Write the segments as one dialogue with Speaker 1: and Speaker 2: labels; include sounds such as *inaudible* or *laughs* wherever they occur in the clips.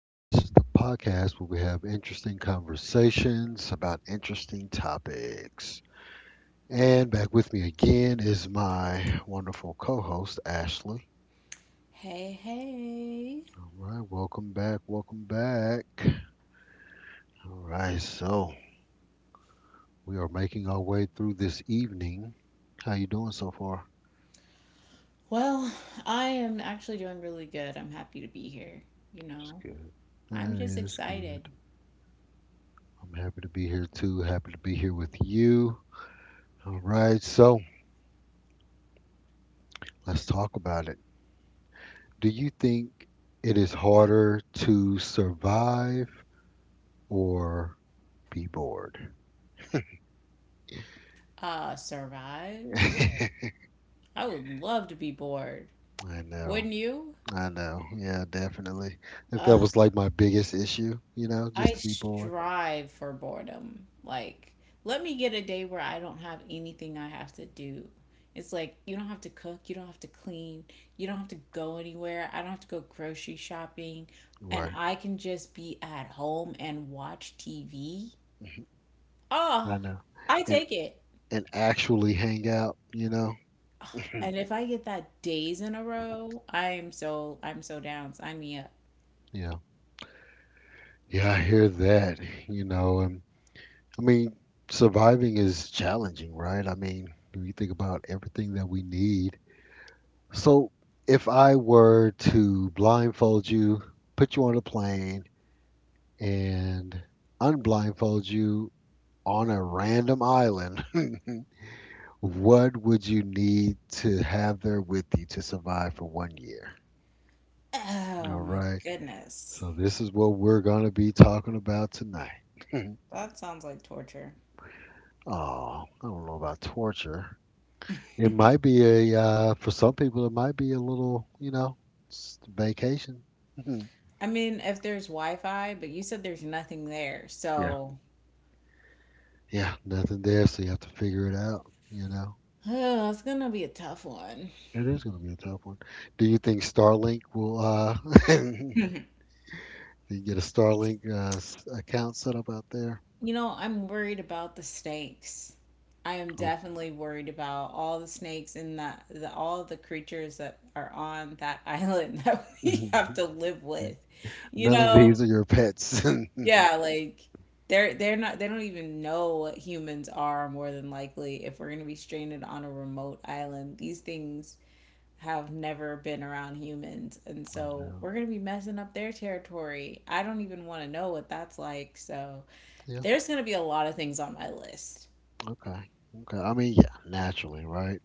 Speaker 1: where this is the podcast where we have interesting conversations about interesting topics. And back with me again is my wonderful co host, Ashley.
Speaker 2: Hey, hey.
Speaker 1: All right, welcome back, welcome back. All right, so we are making our way through this evening. How you doing so far?
Speaker 2: Well, I am actually doing really good. I'm happy to be here. You
Speaker 1: That's
Speaker 2: know,
Speaker 1: good.
Speaker 2: I'm
Speaker 1: That
Speaker 2: just
Speaker 1: is
Speaker 2: excited.
Speaker 1: good. I'm happy to be here too. Happy to be here with you. All right, so let's talk about it. Do you think it is harder to survive or be bored?
Speaker 2: Survive?
Speaker 1: *laughs* I
Speaker 2: I would love to be bored.
Speaker 1: know.
Speaker 2: Wouldn't you?
Speaker 1: I know. Yeah, definitely. If that
Speaker 2: Uh,
Speaker 1: was like my biggest issue, just
Speaker 2: I
Speaker 1: to be bored.
Speaker 2: strive for boredom. Like, let me get a day where I don't have anything I have to do. It's like you don't have to cook, you don't have to clean, you don't have to go anywhere. I don't have to go grocery shopping, and
Speaker 1: Right.
Speaker 2: I can just be at home and watch TV.
Speaker 1: I
Speaker 2: Oh,
Speaker 1: know.
Speaker 2: I
Speaker 1: And
Speaker 2: take it.
Speaker 1: and actually hang out, you know.
Speaker 2: And
Speaker 1: *clears throat*
Speaker 2: if I get that days in a row, I'm so down. Sign me up.
Speaker 1: Yeah. Yeah, I hear that, you know, and I mean, surviving is challenging, right? I mean, when you think about everything that we need, so, if I were to blindfold you, put you on a plane, and unblindfold you on a random island, *laughs* what would you need to have there with you to survive for 1 year?
Speaker 2: Oh
Speaker 1: All
Speaker 2: my
Speaker 1: right.
Speaker 2: goodness.
Speaker 1: So, this is what we're going to be talking about tonight. *laughs*
Speaker 2: That sounds like torture.
Speaker 1: Oh, I don't know about torture. It might be a for some people, it might be a little, vacation. *laughs*
Speaker 2: I mean, if there's Wi-Fi, but you said there's nothing there.
Speaker 1: Yeah.
Speaker 2: So,
Speaker 1: Yeah, nothing there, so you have to figure it out, you know.
Speaker 2: oh, it's gonna be a tough one.
Speaker 1: It is going to be a tough one. Do you think Starlink will *laughs* do you get a Starlink account set up out there?
Speaker 2: You know, I'm worried about the snakes. I am
Speaker 1: Oh.
Speaker 2: definitely worried about all the snakes and all the creatures that are on that *laughs* island that
Speaker 1: *laughs*
Speaker 2: we have
Speaker 1: None
Speaker 2: to live with. You
Speaker 1: of
Speaker 2: know,
Speaker 1: these are your pets. *laughs* I
Speaker 2: yeah, like they're not they don't even know what humans are more than likely. If we're gonna be stranded on a remote island, these things have never been around humans, and so
Speaker 1: know.
Speaker 2: we're gonna be messing up their territory. I don't even want to know what that's like. So
Speaker 1: Yeah,
Speaker 2: there's gonna be a lot of things on my list.
Speaker 1: okay. Okay. I mean, yeah, naturally, right?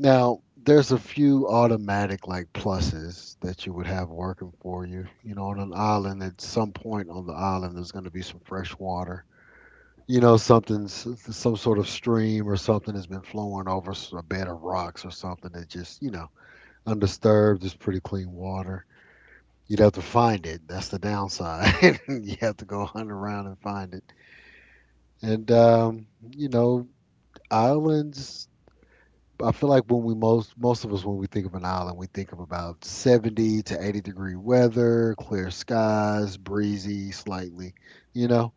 Speaker 1: Now, there's a few automatic like pluses that you would have working for you. You know, on an island, at some point on the island, there's going to be some fresh water. You know, something's some sort of stream or something has been flowing over a bed of rocks or something that just, you know, undisturbed is pretty clean water. You'd have to find it. That's the downside. *laughs* You have to go hunt around and find it. And you know, islands. I feel like when we most of us when we think of an island, we think of about 70 to 80 degree weather, clear skies, breezy, slightly, you know.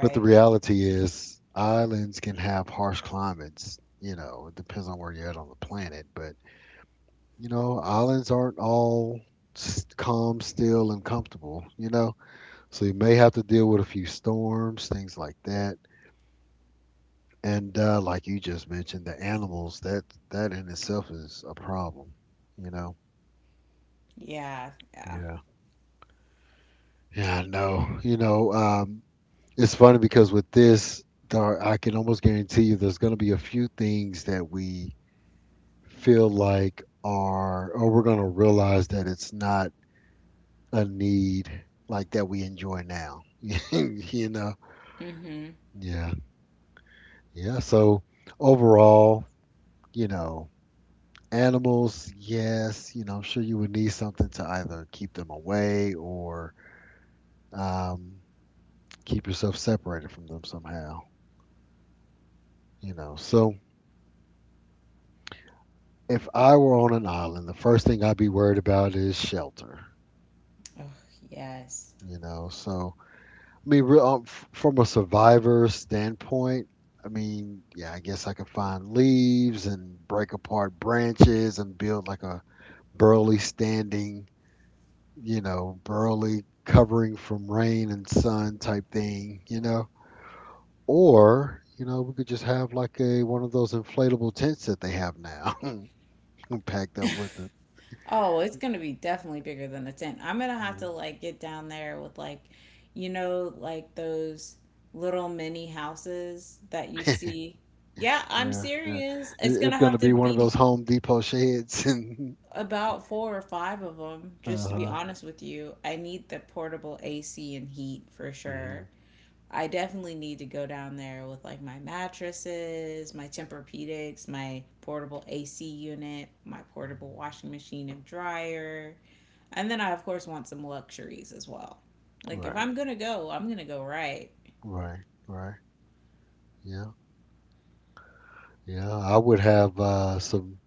Speaker 1: But the reality is, islands can have harsh climates. You know, it depends on where you're at on the planet. But, you know, islands aren't all calm, still, and comfortable, you know? So you may have to deal with a few storms, things like that. And like you just mentioned, the animals, that in itself is a problem, you know?
Speaker 2: Yeah. Yeah.
Speaker 1: Yeah. Yeah, I know. You know, it's funny because with this, there, I can almost guarantee you there's going to be a few things that we feel like are or we're going to realize that it's not a need like that we enjoy now. *laughs* You know,
Speaker 2: Mm-hmm.
Speaker 1: yeah, yeah, so overall, you know, animals, yes, you know, I'm sure you would need something to either keep them away or um, keep yourself separated from them somehow, you know. So if I were on an island the first thing I'd be worried about is shelter,
Speaker 2: Oh, yes.
Speaker 1: you know. So I mean, from a survivor standpoint, I mean, yeah, I guess I could find leaves and break apart branches and build like a burly standing, you know, burly covering from rain and sun type thing, you know. Or, you know, we could just have like a one of those inflatable tents that they have now, *laughs* packed up with it.
Speaker 2: Oh, it's gonna be definitely bigger than a tent. I'm gonna have to
Speaker 1: Mhm.
Speaker 2: like get down there with like, you know, like those little mini houses that you see. Yeah, I'm
Speaker 1: Yeah, yeah.
Speaker 2: serious. It's
Speaker 1: It's
Speaker 2: gonna have
Speaker 1: gonna
Speaker 2: to
Speaker 1: be one of
Speaker 2: be
Speaker 1: those Home Depot sheds *laughs* and.
Speaker 2: about four or five of them,
Speaker 1: Uh
Speaker 2: just to be
Speaker 1: huh.
Speaker 2: honest with you. I need the portable AC and heat for sure.
Speaker 1: Hmm.
Speaker 2: I definitely need to go down there with like my mattresses, my Tempur-Pedics, my portable AC unit, my portable washing machine and dryer. And then I of course want some luxuries as well. Like if
Speaker 1: Right.
Speaker 2: I'm going to go, I'm going to go right.
Speaker 1: Right, right. Yeah, yeah. I would have some,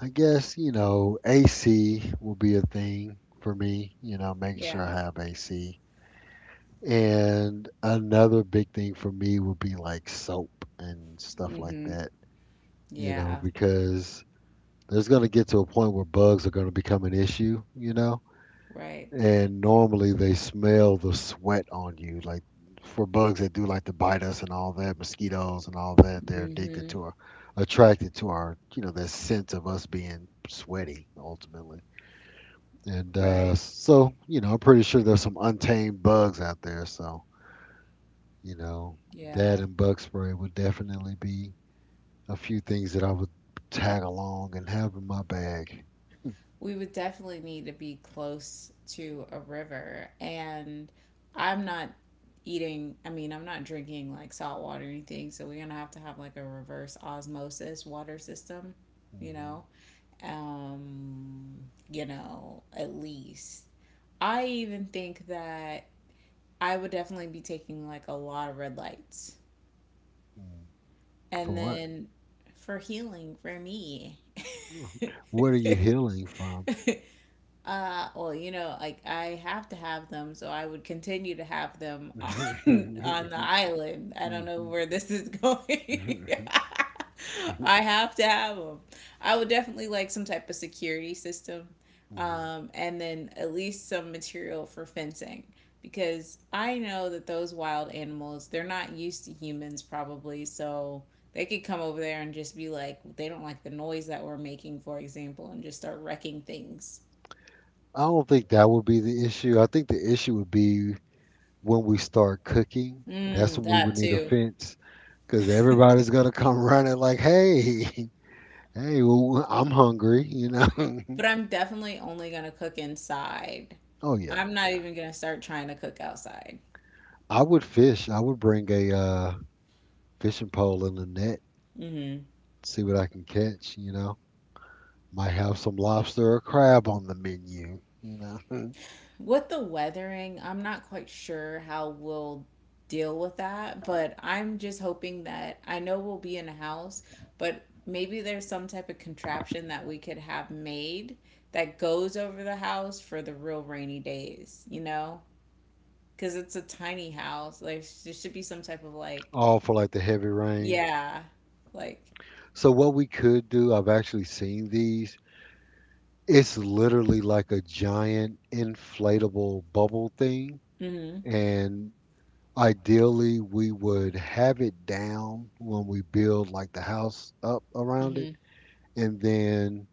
Speaker 1: I guess, you know, AC will be a thing for me, you know, making sure
Speaker 2: Yeah.
Speaker 1: I have AC. And another big thing for me would be like soap and stuff like
Speaker 2: Mhm.
Speaker 1: that, you know,
Speaker 2: Yeah,
Speaker 1: because there's going to get to a point where bugs are going to become an issue, you know.
Speaker 2: right.
Speaker 1: And normally they smell the sweat on you. Like for bugs that do like to bite us and all that, mosquitoes and all that, they're addicted
Speaker 2: Mhm.
Speaker 1: to our, attracted to our, you know, that sense of us being sweaty ultimately. And
Speaker 2: Right.
Speaker 1: so, you know, I'm pretty sure there's some untamed bugs out there. So, you know, that
Speaker 2: Yeah.
Speaker 1: and bug spray would definitely be a few things that I would tag along and have in my bag.
Speaker 2: We would definitely need to be close to a river. And I'm not eating, I mean, I'm not drinking like salt water or anything. So we're going to have like a reverse osmosis water system, you
Speaker 1: Hmm.
Speaker 2: know? Um, you know, at least. I even think that I would definitely be taking like a lot of red lights.
Speaker 1: For
Speaker 2: And
Speaker 1: what?
Speaker 2: then for healing for me,
Speaker 1: What are you healing from?
Speaker 2: *laughs* Well, you know, like I have to have them, so I would continue to have them on *laughs* on the
Speaker 1: *laughs*
Speaker 2: island. I don't know
Speaker 1: Mhm.
Speaker 2: where this is going.
Speaker 1: *laughs*
Speaker 2: *laughs* I have to have them. I would definitely like some type of security system,
Speaker 1: Mhm.
Speaker 2: and then at least some material for fencing because I know that those wild animals, they're not used to humans probably, so they could come over there and just be like, they don't like the noise that we're making, for example, and just start wrecking things.
Speaker 1: I don't think that would be the issue. I think the issue would be when we start cooking. That's
Speaker 2: Mm,
Speaker 1: when we
Speaker 2: that
Speaker 1: would need a
Speaker 2: too.
Speaker 1: fence because everybody's gonna come *laughs* running like, "Hey, *laughs* hey, well, I'm hungry," you know. *laughs*
Speaker 2: But I'm definitely only gonna cook inside.
Speaker 1: Oh yeah,
Speaker 2: I'm not
Speaker 1: yeah.
Speaker 2: even gonna start trying to cook outside.
Speaker 1: I would fish. I would bring a fishing pole and a net,
Speaker 2: Hmm
Speaker 1: see what I can catch. You know, might have some lobster or crab on the menu. You know,
Speaker 2: With the weathering, I'm not quite sure how we'll deal with that, but I'm just hoping that I know we'll be in a house, but maybe there's some type of contraption that we could have made that goes over the house for the real rainy days, you know? Because it's a tiny house. Like, there should be some type of
Speaker 1: *laughs*
Speaker 2: like,
Speaker 1: all for like the heavy rain.
Speaker 2: yeah, like,
Speaker 1: So what we could do, I've actually seen these. It's literally like a giant inflatable bubble thing,
Speaker 2: mm-hmm.
Speaker 1: and ideally we would have it down when we build like the house up around it,
Speaker 2: Mm-hmm.
Speaker 1: and then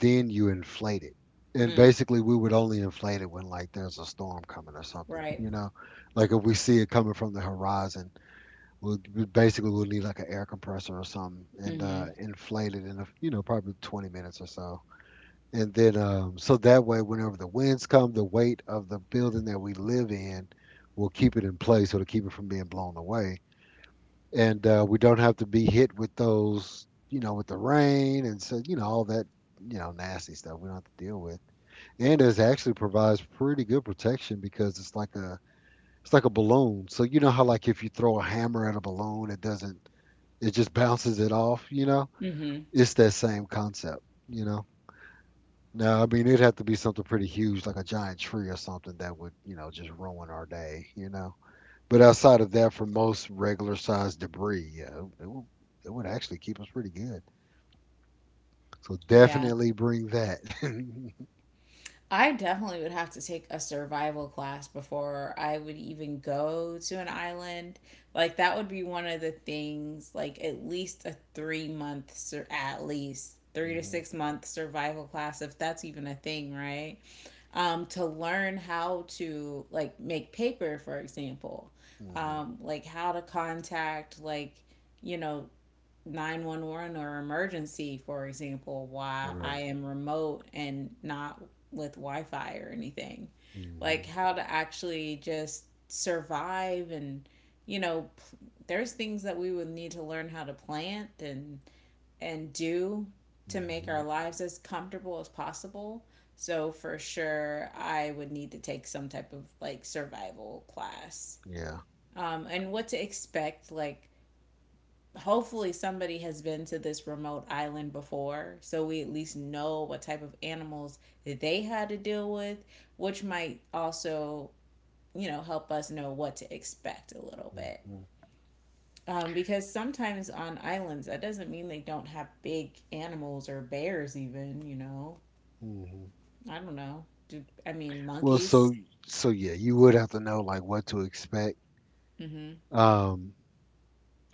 Speaker 1: then you inflate it. And
Speaker 2: Mm.
Speaker 1: basically we would only inflate it when like there's a storm coming or something,
Speaker 2: Right.
Speaker 1: you know? Like if we see it coming from the horizon, we'll, we basically we'll need like an air compressor or something and
Speaker 2: Mm-hmm.
Speaker 1: inflate it in a, you know, probably 20 minutes or so. And then so that way whenever the winds come, the weight of the building that we live in will keep it in place so to keep it from being blown away. And we don't have to be hit with those, you know, with the rain and so, you know, all that, you know, nasty stuff we don't have to deal with. And it actually provides pretty good protection because it's like a balloon. So you know how like if you throw a hammer at a balloon, it doesn't, it just bounces it off, you know?
Speaker 2: hmm
Speaker 1: It's that same concept, you know? No, I mean it'd have to be something pretty huge, like a giant tree or something that would, you know, just ruin our day, you know. But outside of that, for most regular sized debris, yeah, it would actually keep us pretty good. So
Speaker 2: Yeah.
Speaker 1: definitely bring that. *laughs* Hmm.
Speaker 2: I definitely would have to take a survival class before I would even go to an island. Like that would be one of the things, like at least a 3 month, at least 3 to 6 month survival class, if that's even a thing, right? To learn how to like make paper, for example,
Speaker 1: Hmm.
Speaker 2: like how to contact like, you know, 911 or emergency, for example, why I
Speaker 1: Right.
Speaker 2: am remote and not with Wi Fi or anything. Like
Speaker 1: Hmm.
Speaker 2: how to actually just survive and, you know, there's things that we would need to learn how to plant and do to make
Speaker 1: Hmm.
Speaker 2: our lives as comfortable as possible. So for sure, I would need to take some type of like survival class.
Speaker 1: Yeah.
Speaker 2: And what to expect, like hopefully somebody has been to this remote island before so we at least know what type of animals that they had to deal with, which might also, you know, help us know what to expect a little bit,
Speaker 1: Hmm.
Speaker 2: because sometimes on islands that doesn't mean they don't have big animals or bears even, you know.
Speaker 1: Hmm.
Speaker 2: I don't know. I mean,
Speaker 1: Well,
Speaker 2: monkeys.
Speaker 1: so so yeah, you would have to know like what to expect.
Speaker 2: Mm-hmm.
Speaker 1: Um,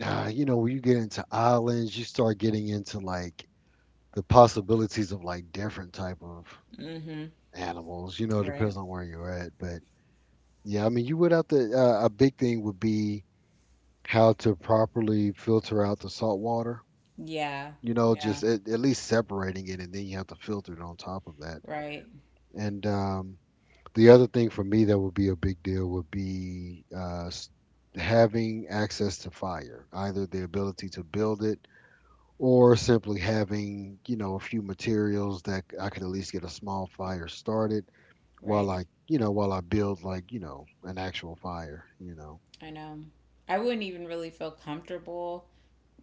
Speaker 1: Ah, you know, when you get into islands, you start getting into like the possibilities of like different type of
Speaker 2: Mm-hmm.
Speaker 1: animals. You know, it
Speaker 2: Right.
Speaker 1: depends on where you're at, but yeah, I mean, you would have to. A big thing would be how to properly filter out the salt water.
Speaker 2: Yeah.
Speaker 1: You know,
Speaker 2: Yeah.
Speaker 1: just at least separating it, and then you have to filter it on top of that.
Speaker 2: Right.
Speaker 1: And the other thing for me that would be a big deal would be having access to fire, either the ability to build it or simply having, you know, a few materials that I could at least get a small fire started while
Speaker 2: Right.
Speaker 1: I, you know, while I build like, you know, an actual fire, you know.
Speaker 2: I know, I wouldn't even really feel comfortable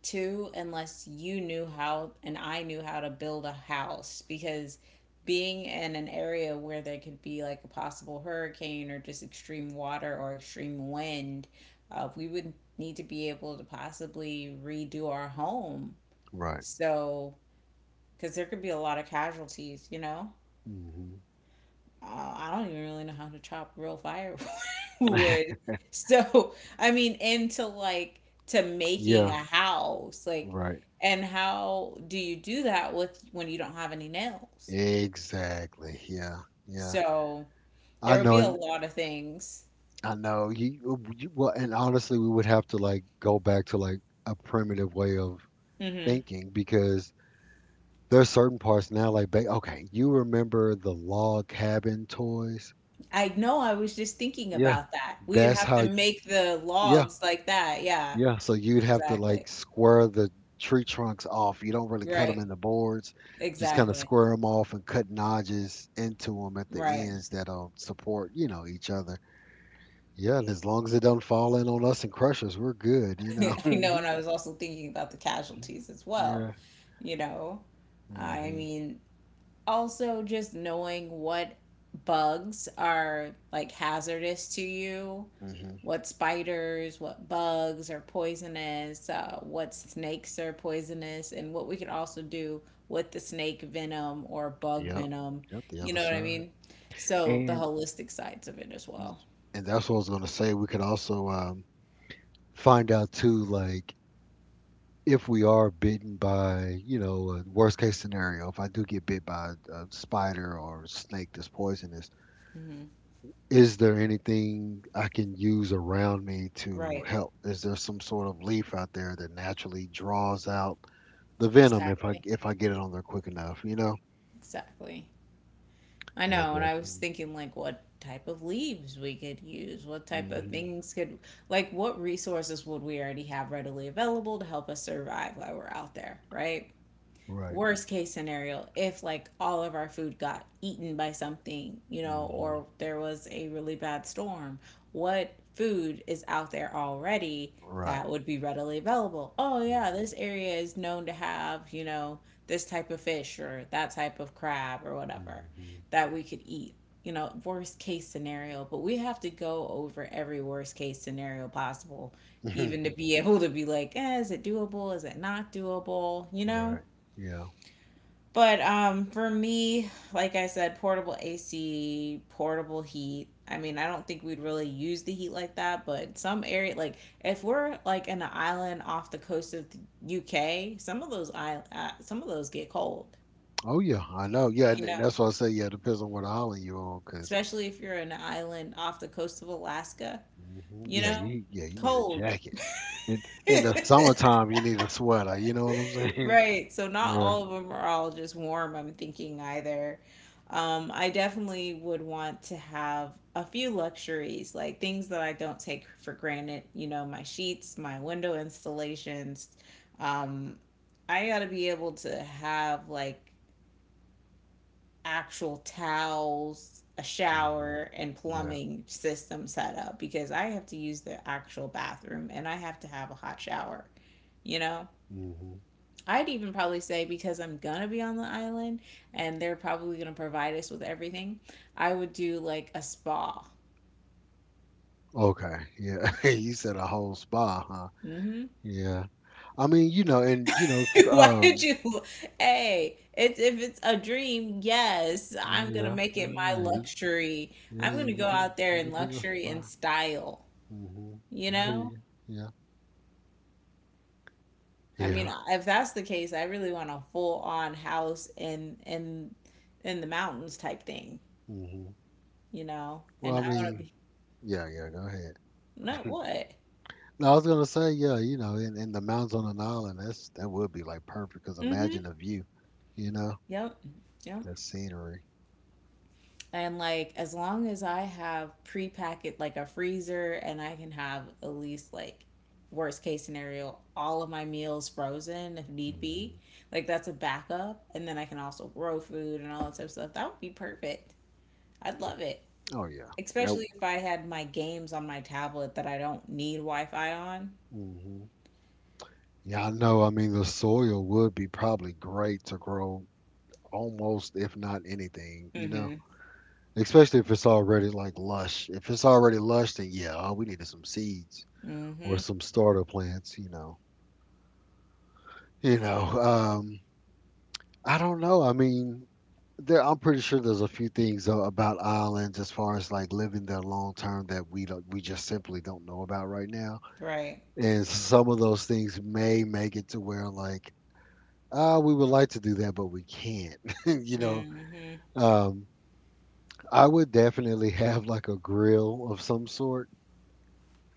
Speaker 2: to unless you knew how and I knew how to build a house because being in an area where there could be like a possible hurricane or just extreme water or extreme wind, we would need to be able to possibly redo our home.
Speaker 1: Right.
Speaker 2: So, because there could be a lot of casualties, you know?
Speaker 1: Hmm.
Speaker 2: Uh, I don't even really know how to chop real firewood. *laughs* who
Speaker 1: *laughs*
Speaker 2: Would So, I mean, into like to making
Speaker 1: Yeah.
Speaker 2: a house, like,
Speaker 1: Right.
Speaker 2: and how do you do that with when you don't have any nails?
Speaker 1: Exactly. Yeah. Yeah,
Speaker 2: So, there
Speaker 1: I
Speaker 2: would
Speaker 1: know.
Speaker 2: be a
Speaker 1: And
Speaker 2: lot of things.
Speaker 1: I know you, you well and honestly we would have to like go back to like a primitive way of
Speaker 2: Hmm
Speaker 1: thinking because there's certain parts now like okay you remember the log cabin toys.
Speaker 2: I know, I was just thinking
Speaker 1: Yeah,
Speaker 2: about that. We would
Speaker 1: that's
Speaker 2: have to
Speaker 1: how.
Speaker 2: make the
Speaker 1: Yeah,
Speaker 2: logs like that. Yeah,
Speaker 1: yeah. So you'd have to
Speaker 2: exactly.
Speaker 1: like square the tree trunks off. You don't really cut them
Speaker 2: Right.
Speaker 1: in the boards, just kind of
Speaker 2: Exactly.
Speaker 1: square them off and cut notches into them at the
Speaker 2: Right.
Speaker 1: ends that'll support, you know, each other. Yeah, and as long as it doesn't fall in on us and crush us, we're good, you
Speaker 2: *laughs*
Speaker 1: know. *laughs*
Speaker 2: I know,
Speaker 1: Mhm.
Speaker 2: and I was also thinking about the casualties as well,
Speaker 1: Yeah.
Speaker 2: you know. I
Speaker 1: Mhm.
Speaker 2: mean, also just knowing what bugs are like hazardous to you,
Speaker 1: Mhm.
Speaker 2: what spiders, what bugs are poisonous, what snakes are poisonous and what we could also do with the snake venom or bug
Speaker 1: Yep.
Speaker 2: venom,
Speaker 1: Yep. The
Speaker 2: you
Speaker 1: other
Speaker 2: know what I
Speaker 1: side.
Speaker 2: mean, so the
Speaker 1: And
Speaker 2: holistic sides of it as
Speaker 1: y-
Speaker 2: well.
Speaker 1: and that's what I was gonna say. We could also find out too, like if we are bitten by, you know, a worst case scenario, if I do get bit by a spider or a snake that's poisonous, is there anything I can use around me to
Speaker 2: Right.
Speaker 1: help? Is there some sort of leaf out there that naturally draws out the venom
Speaker 2: Exactly,
Speaker 1: if I get it on there quick enough? You know?
Speaker 2: exactly. I
Speaker 1: Yeah,
Speaker 2: know, and I was
Speaker 1: definitely.
Speaker 2: thinking like what type of leaves we could use, what type of
Speaker 1: Hmm.
Speaker 2: things could, like what resources would we already have readily available to help us survive while we're out there, right?
Speaker 1: Right.
Speaker 2: Worst case scenario if like all of our food got eaten by something, you know,
Speaker 1: Hmm.
Speaker 2: or there was a really bad storm, what food is out there already
Speaker 1: Right.
Speaker 2: that would be readily available. Oh yeah,
Speaker 1: Hmm.
Speaker 2: this area is known to have, you know, this type of fish or that type of crab or whatever that we could eat, you know, worst case scenario. But we have to go over every worst case scenario possible, even to
Speaker 1: Hmm.
Speaker 2: be *laughs* able to be like, eh, is it doable, is it not doable, you
Speaker 1: *laughs*
Speaker 2: know.
Speaker 1: Right. Yeah.
Speaker 2: But for me, like I said, portable AC, portable heat. I mean, I don't think we'd really use the heat like that, but some area, like if we're like in an island off the coast of the UK, some of those some of those get cold,
Speaker 1: Oh yeah, I know. Yeah,
Speaker 2: you
Speaker 1: and
Speaker 2: know,
Speaker 1: that's why I say yeah. Depends on what island you're on, 'cause
Speaker 2: especially if you're in an island off the coast of Alaska,
Speaker 1: Mhm.
Speaker 2: you know,
Speaker 1: Yeah you need a
Speaker 2: cold.
Speaker 1: jacket. In in the
Speaker 2: *laughs*
Speaker 1: summertime, you need a sweater. You know what I'm saying? *laughs*
Speaker 2: Right. So not
Speaker 1: Yeah.
Speaker 2: all of them are all just warm, I'm thinking either. I definitely would want to have a few luxuries, like things that I don't take for granted, you know, my sheets, my window installations. Um, I got to be able to have like actual towels, a
Speaker 1: hmm
Speaker 2: shower, and
Speaker 1: Yeah.
Speaker 2: plumbing system set up because I have to use the actual bathroom and I have to have a hot shower, you know?
Speaker 1: hmm
Speaker 2: I'd even probably say because I'm gonna be on the island and they're probably gonna provide us with everything, I would do like a spa.
Speaker 1: Okay. Yeah. *laughs* you said a whole spa, huh?
Speaker 2: Hmm
Speaker 1: Yeah. I mean, you know, and you know,
Speaker 2: *laughs* Why did you? Hey, it's, if it's a dream, yes, I'm gonna
Speaker 1: yeah,
Speaker 2: make it my
Speaker 1: yeah,
Speaker 2: luxury.
Speaker 1: yeah,
Speaker 2: I'm
Speaker 1: you,
Speaker 2: gonna go out there
Speaker 1: you can
Speaker 2: in
Speaker 1: bring a
Speaker 2: luxury and
Speaker 1: spa.
Speaker 2: style.
Speaker 1: hmm
Speaker 2: You
Speaker 1: I hear
Speaker 2: know,
Speaker 1: you. Yeah.
Speaker 2: I mean,
Speaker 1: Yeah.
Speaker 2: if that's the case, I really want a full on house in in the mountains type thing.
Speaker 1: hmm
Speaker 2: You know,
Speaker 1: Well,
Speaker 2: and
Speaker 1: I
Speaker 2: I want to
Speaker 1: mean,
Speaker 2: be
Speaker 1: yeah, yeah. Go ahead.
Speaker 2: not what.
Speaker 1: No, I was gonna say, yeah, you know, in the mountains on an island, that would be like perfect. Cause
Speaker 2: Mm-hmm.
Speaker 1: imagine the view, you know,
Speaker 2: Yep. Yep.
Speaker 1: that scenery.
Speaker 2: And like as long as I have pre-packet like a freezer and I can have at least like worst case scenario all of my meals frozen if need be.
Speaker 1: hmm
Speaker 2: Like that's a backup and then I can also grow food and all that type of stuff. That would be perfect. I'd love it.
Speaker 1: Oh yeah, yeah.
Speaker 2: Especially if I had my games on my tablet that I don't need Wi-Fi on.
Speaker 1: hmm Yeah, I know. I mean, the soil would be probably great to grow almost, if not anything, you know.
Speaker 2: Mhm.
Speaker 1: Especially if it's already like lush. If it's already lush, then yeah, all we need is some seeds or
Speaker 2: Mhm.
Speaker 1: some starter plants, you know. You know, I don't know. I mean, I'm pretty sure there's a few things about islands as far as like living there long term that we just simply don't know about right now.
Speaker 2: Right.
Speaker 1: And some of those things may make it to where like, we would like to do that, but we can't. *laughs* you know,
Speaker 2: Mhm.
Speaker 1: um, I would definitely *laughs* have like a grill of some sort.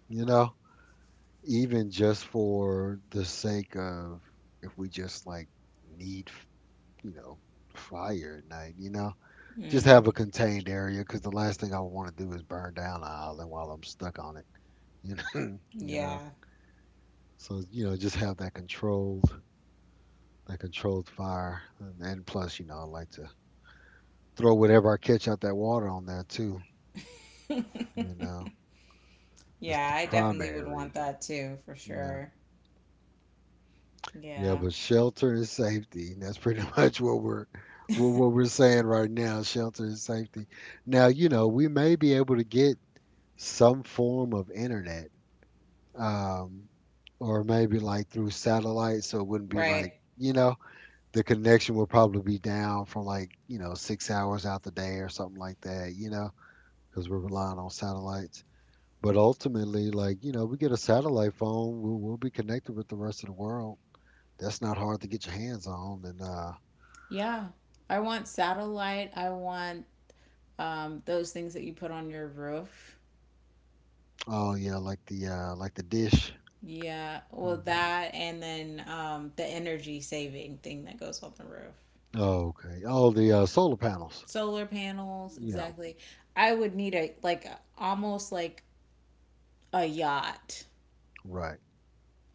Speaker 1: You know, even just for the sake of if we just like need, you know, fire at night. You know, just have
Speaker 2: Mhm.
Speaker 1: a contained area because the last thing I want to do is burn down an island while I'm stuck on it. You know, *laughs* you know.
Speaker 2: Yeah.
Speaker 1: So you know, just have that controlled fire, and plus, you know, I like to throw whatever I catch out that water on there too. You know,
Speaker 2: *laughs*
Speaker 1: that's
Speaker 2: Yeah,
Speaker 1: the
Speaker 2: I definitely
Speaker 1: primary
Speaker 2: would want
Speaker 1: reason.
Speaker 2: that too, for
Speaker 1: Yeah,
Speaker 2: sure.
Speaker 1: yeah,
Speaker 2: Yeah.
Speaker 1: but shelter and safety. And That's pretty *laughs* much what we're what we're saying right now. Shelter and safety. Now, you know, we may be able to get some form of internet um, or maybe like through satellite, so it wouldn't be
Speaker 2: Right.
Speaker 1: like you know the connection will probably be down for like you know 6 hours out the day or something like that, you know, because we're relying on satellites. But ultimately, like you know, we get a satellite phone, we'll be connected with the rest of the world. That's not hard to get your hands on, and
Speaker 2: Yeah. I want satellite. I want those things that you put on your roof.
Speaker 1: oh yeah, like the dish.
Speaker 2: Yeah. Well,
Speaker 1: hmm
Speaker 2: that and then the energy saving thing that goes on the roof.
Speaker 1: Oh, okay. Oh, the solar panels.
Speaker 2: Solar panels,
Speaker 1: Yeah.
Speaker 2: exactly. I would need a, like, almost like a yacht.
Speaker 1: Right.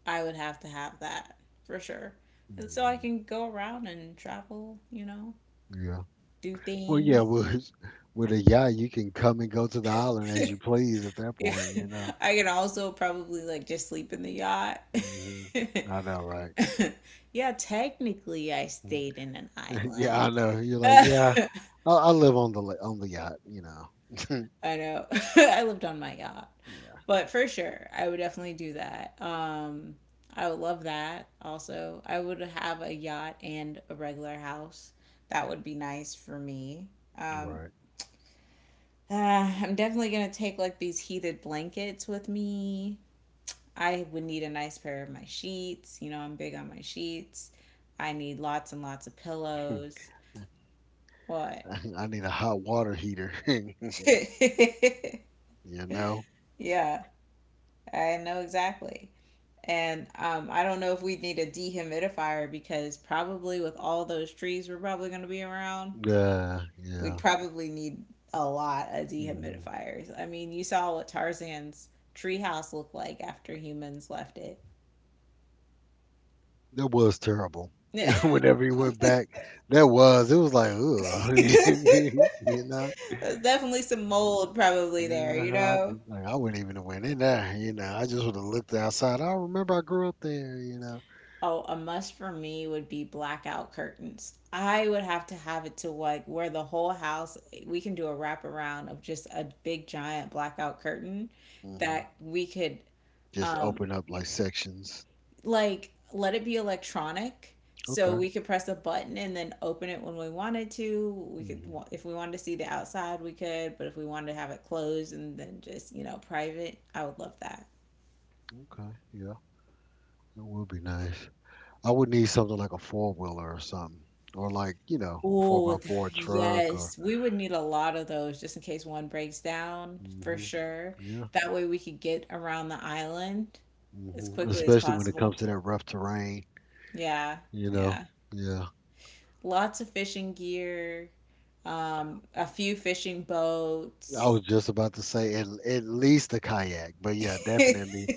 Speaker 2: I would have to have that for sure. And so I
Speaker 1: hmm
Speaker 2: can go around and travel, you know,
Speaker 1: Yeah.
Speaker 2: do
Speaker 1: Well, yeah,
Speaker 2: things.
Speaker 1: with a yacht, you can come and go to the island as you please at that
Speaker 2: Yeah,
Speaker 1: point, you know.
Speaker 2: *laughs* I can also probably like just sleep in the yacht.
Speaker 1: hmm I know, right?
Speaker 2: *laughs* Yeah, technically, I
Speaker 1: Mhm.
Speaker 2: stayed in an
Speaker 1: *laughs* Yeah, I
Speaker 2: island.
Speaker 1: know. You're like, yeah,
Speaker 2: *laughs*
Speaker 1: I live on the on the yacht, you know.
Speaker 2: I know. *laughs* I lived on my yacht.
Speaker 1: Yeah,
Speaker 2: But for sure, I would definitely do that. I would love that also. I would have a yacht and a regular house. That would be nice for me. Um,
Speaker 1: right.
Speaker 2: *sighs* uh, I'm definitely gonna take like these heated blankets with me. I would need a nice pair of my sheets. You know, I'm big on my sheets. I need lots and lots of pillows. What?
Speaker 1: *laughs* I need a hot water heater, *laughs* you
Speaker 2: *laughs*
Speaker 1: know.
Speaker 2: Yeah, I know exactly. And I don't know if we'd need a dehumidifier because probably with all those trees we're probably going to be around,
Speaker 1: Yeah,
Speaker 2: we'd
Speaker 1: yeah.
Speaker 2: probably need a lot of
Speaker 1: hmm
Speaker 2: dehumidifiers. I mean, you saw what Tarzan's treehouse looked like after humans left it.
Speaker 1: That was terrible. *laughs* Whenever he went back, that was it was like, ugh, *laughs*
Speaker 2: *laughs*
Speaker 1: you know.
Speaker 2: There's definitely some mold probably there,
Speaker 1: Yeah,
Speaker 2: you know?
Speaker 1: like, I wouldn't even have went in there. You know, I just would have looked outside. I remember I grew up there. You know,
Speaker 2: Oh, a must for me would be blackout curtains. I would have to have it to like where the whole house, we can do a wraparound of just a big giant blackout curtain
Speaker 1: hmm
Speaker 2: that we could
Speaker 1: just
Speaker 2: um
Speaker 1: open up like sections.
Speaker 2: like let it be electronic so
Speaker 1: Okay.
Speaker 2: we could press a button and then open it when we wanted to. We could,
Speaker 1: hmm
Speaker 2: if we wanted to see the outside, we could, but if we wanted to have it closed and then just, you know, private, I would love that.
Speaker 1: Okay. Yeah, that would be nice. I would need something like a four wheeler or something, or like you know, four
Speaker 2: Oh,
Speaker 1: by four truck or.
Speaker 2: yes. We would need a lot of those just in case one breaks down for
Speaker 1: hmm
Speaker 2: sure.
Speaker 1: Yeah.
Speaker 2: That way we could get around the island as quickly as
Speaker 1: Especially when it
Speaker 2: possible.
Speaker 1: comes to that rough terrain.
Speaker 2: Yeah,
Speaker 1: You know.
Speaker 2: yeah.
Speaker 1: Yeah.
Speaker 2: Lots of fishing gear, a few fishing
Speaker 1: I was
Speaker 2: boats.
Speaker 1: just about to say at least a kayak, but yeah,
Speaker 2: *laughs*
Speaker 1: definitely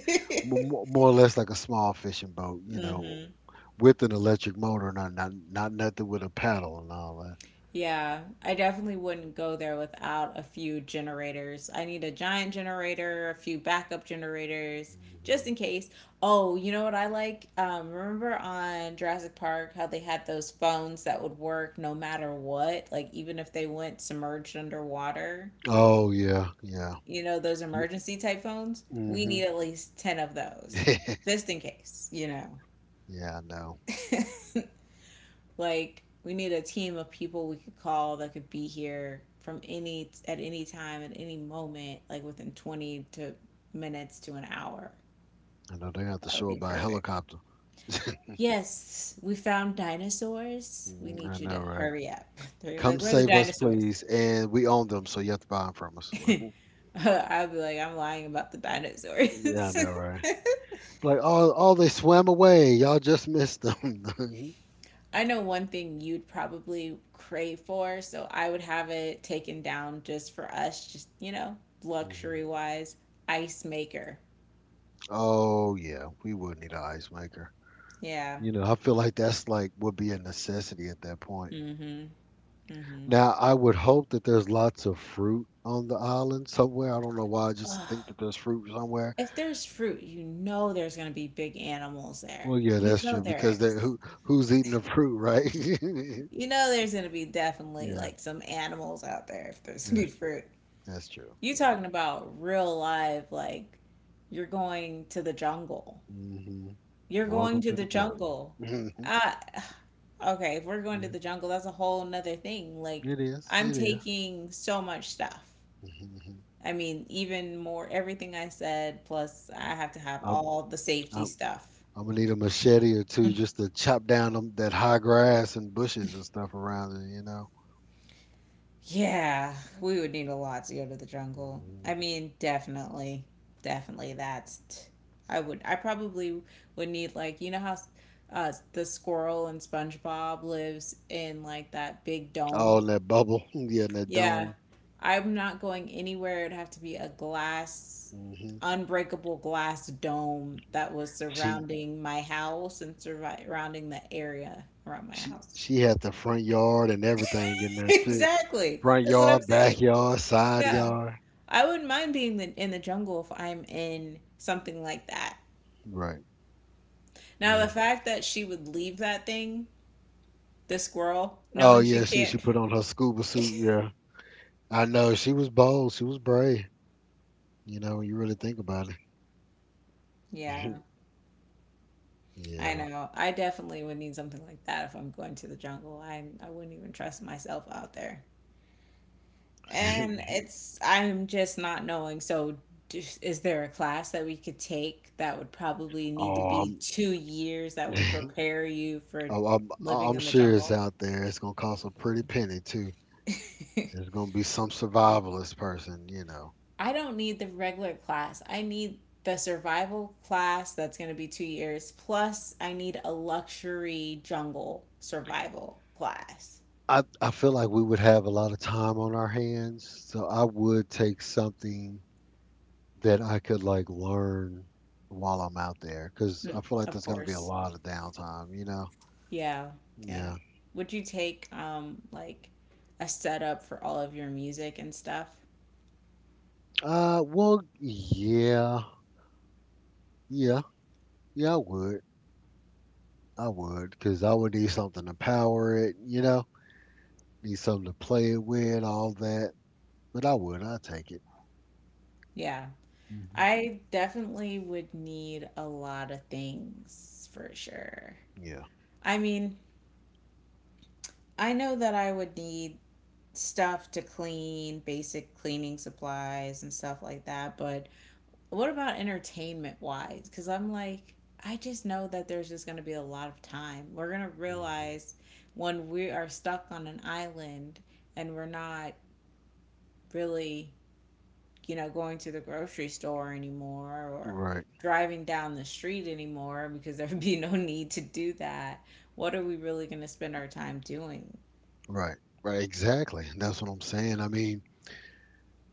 Speaker 1: more or less like a small fishing boat, you know,
Speaker 2: hmm
Speaker 1: with an electric motor, not nothing with a paddle and all that.
Speaker 2: Yeah, I definitely wouldn't go there without a few generators. I need a giant generator, a few backup generators, just
Speaker 1: hmm
Speaker 2: in case. Oh, you know what I like? Remember on Jurassic Park how they had those phones that would work no matter what, like even if they went submerged underwater?
Speaker 1: Oh yeah, yeah.
Speaker 2: You know, those emergency type phones? We
Speaker 1: Mm-hmm.
Speaker 2: need at least 10 of those,
Speaker 1: *laughs*
Speaker 2: just in case, you know.
Speaker 1: yeah, I know.
Speaker 2: *laughs* Like we need a team of people we could call that could be here from any time at any moment, like within 20 to minutes to an hour.
Speaker 1: I know they have to
Speaker 2: That would
Speaker 1: show up
Speaker 2: be
Speaker 1: by
Speaker 2: perfect.
Speaker 1: helicopter. *laughs*
Speaker 2: Yes, we found dinosaurs, we
Speaker 1: Mm, I
Speaker 2: need you
Speaker 1: know,
Speaker 2: to
Speaker 1: right?
Speaker 2: hurry up. *laughs* They're gonna be
Speaker 1: Come
Speaker 2: like, where are the
Speaker 1: save us,
Speaker 2: dinosaurs?
Speaker 1: please. And we own them, so you have to buy them from us. *laughs*
Speaker 2: *laughs* I'll be like, I'm lying about the
Speaker 1: yeah, I
Speaker 2: dinosaurs.
Speaker 1: know, right?
Speaker 2: *laughs*
Speaker 1: Like, oh, they swam away. Y'all just missed them. *laughs*
Speaker 2: I know one thing you'd probably crave for, so I would have it taken down just for us, just, you know,
Speaker 1: Mhm.
Speaker 2: luxury wise. Ice maker.
Speaker 1: Oh yeah, we would need an ice maker.
Speaker 2: Yeah.
Speaker 1: You know, I feel like that's like would be a necessity at that point.
Speaker 2: Mm hmm. Mm hmm.
Speaker 1: Now, I would hope that there's lots of fruit on the island somewhere. I don't know why. I just think
Speaker 2: Ugh.
Speaker 1: that there's fruit somewhere.
Speaker 2: If there's fruit, you know there's going to be big animals there.
Speaker 1: Well, yeah,
Speaker 2: You
Speaker 1: that's
Speaker 2: know
Speaker 1: true because
Speaker 2: there
Speaker 1: they
Speaker 2: is.
Speaker 1: who who's eating the fruit, right? *laughs*
Speaker 2: You know there's going to be definitely
Speaker 1: Yeah,
Speaker 2: like some animals out there if there's going to
Speaker 1: that's
Speaker 2: be
Speaker 1: true.
Speaker 2: fruit.
Speaker 1: That's true.
Speaker 2: You
Speaker 1: Yeah.
Speaker 2: talking about real live, like you're going to the jungle.
Speaker 1: hmm
Speaker 2: You're going
Speaker 1: Welcome
Speaker 2: to
Speaker 1: to
Speaker 2: the
Speaker 1: the jungle.
Speaker 2: jungle.
Speaker 1: *laughs*
Speaker 2: I Okay, if we're going to
Speaker 1: Yeah,
Speaker 2: the jungle, that's a whole nother thing. Like,
Speaker 1: it is.
Speaker 2: I'm
Speaker 1: It is.
Speaker 2: taking so much stuff.
Speaker 1: *laughs*
Speaker 2: I mean, even more, everything I said, plus I have to have
Speaker 1: Mm-hmm.
Speaker 2: all the safety
Speaker 1: I'm,
Speaker 2: stuff.
Speaker 1: I'm gonna need a machete or two
Speaker 2: *laughs*
Speaker 1: just to chop down that high grass and bushes and stuff around it, you know.
Speaker 2: Yeah, we would need a lot to go to the jungle.
Speaker 1: hmm
Speaker 2: I mean, definitely, definitely. I would. I probably would need, like, you know how the squirrel in SpongeBob lives in like that big
Speaker 1: All
Speaker 2: dome.
Speaker 1: in that bubble, *laughs* yeah, in that
Speaker 2: Yeah.
Speaker 1: dome.
Speaker 2: I'm not going anywhere. It'd have to be a glass,
Speaker 1: hmm
Speaker 2: unbreakable glass dome that was
Speaker 1: She
Speaker 2: surrounding my house and surrounding the area around my house. *laughs*
Speaker 1: she had the front yard and everything in there too.
Speaker 2: Exactly.
Speaker 1: Front
Speaker 2: That's what I'm
Speaker 1: yard,
Speaker 2: saying.
Speaker 1: backyard, side
Speaker 2: Yeah.
Speaker 1: yard.
Speaker 2: I wouldn't mind being in the jungle if I'm in something like that.
Speaker 1: Right.
Speaker 2: Now, the
Speaker 1: Yeah.
Speaker 2: fact that she would leave that thing, the squirrel,
Speaker 1: Oh
Speaker 2: knowing she
Speaker 1: yeah, she
Speaker 2: can't.
Speaker 1: put on her scuba suit. Yeah, I know she was bold. She was brave. You know, when you really think about it.
Speaker 2: *laughs* Yeah. I
Speaker 1: *laughs* yeah.
Speaker 2: know. I definitely would need something like that if I'm going to the jungle. I wouldn't even trust myself out there. And
Speaker 1: *laughs*
Speaker 2: it's I'm just not knowing. So is there a class that we could take that would probably need to
Speaker 1: oh,
Speaker 2: be 2 years that will
Speaker 1: I'm. *laughs*
Speaker 2: prepare you for
Speaker 1: Oh,
Speaker 2: living
Speaker 1: I'm
Speaker 2: in the
Speaker 1: sure it's
Speaker 2: jungle?
Speaker 1: out there. It's gonna cost a pretty penny too. There's
Speaker 2: *laughs*
Speaker 1: gonna be some survivalist person, you know.
Speaker 2: I don't need the regular class. I need the survival class that's going to be 2 years. Plus, I need a luxury jungle survival class.
Speaker 1: I feel like we would have a lot of time on our hands, so I would take something that I could like learn while I'm out there, because
Speaker 2: Mm,
Speaker 1: I feel like
Speaker 2: of
Speaker 1: there's gonna be a
Speaker 2: course.
Speaker 1: lot of downtime, you know.
Speaker 2: Yeah, yeah.
Speaker 1: Yeah.
Speaker 2: Would you take like a setup for all of your music and stuff?
Speaker 1: Well, yeah, yeah, yeah. I would, because I would need something to power it, you know. Need something to play it with, all that. But I would, I'd take it.
Speaker 2: Yeah.
Speaker 1: hmm
Speaker 2: I definitely would need a lot of things for sure.
Speaker 1: Yeah.
Speaker 2: I mean, I know that I would need stuff to clean, basic cleaning supplies and stuff like that, but what about entertainment wise? Because I'm like, I just know that there's just going to be a lot of time. We're going to
Speaker 1: hmm
Speaker 2: realize when we are stuck on an island and we're not really, you know, going to the grocery store anymore or
Speaker 1: Right,
Speaker 2: driving down the street anymore because there would be no need to do that. What are we really going to spend our time doing?
Speaker 1: right, right. Exactly. That's what I'm saying. I mean,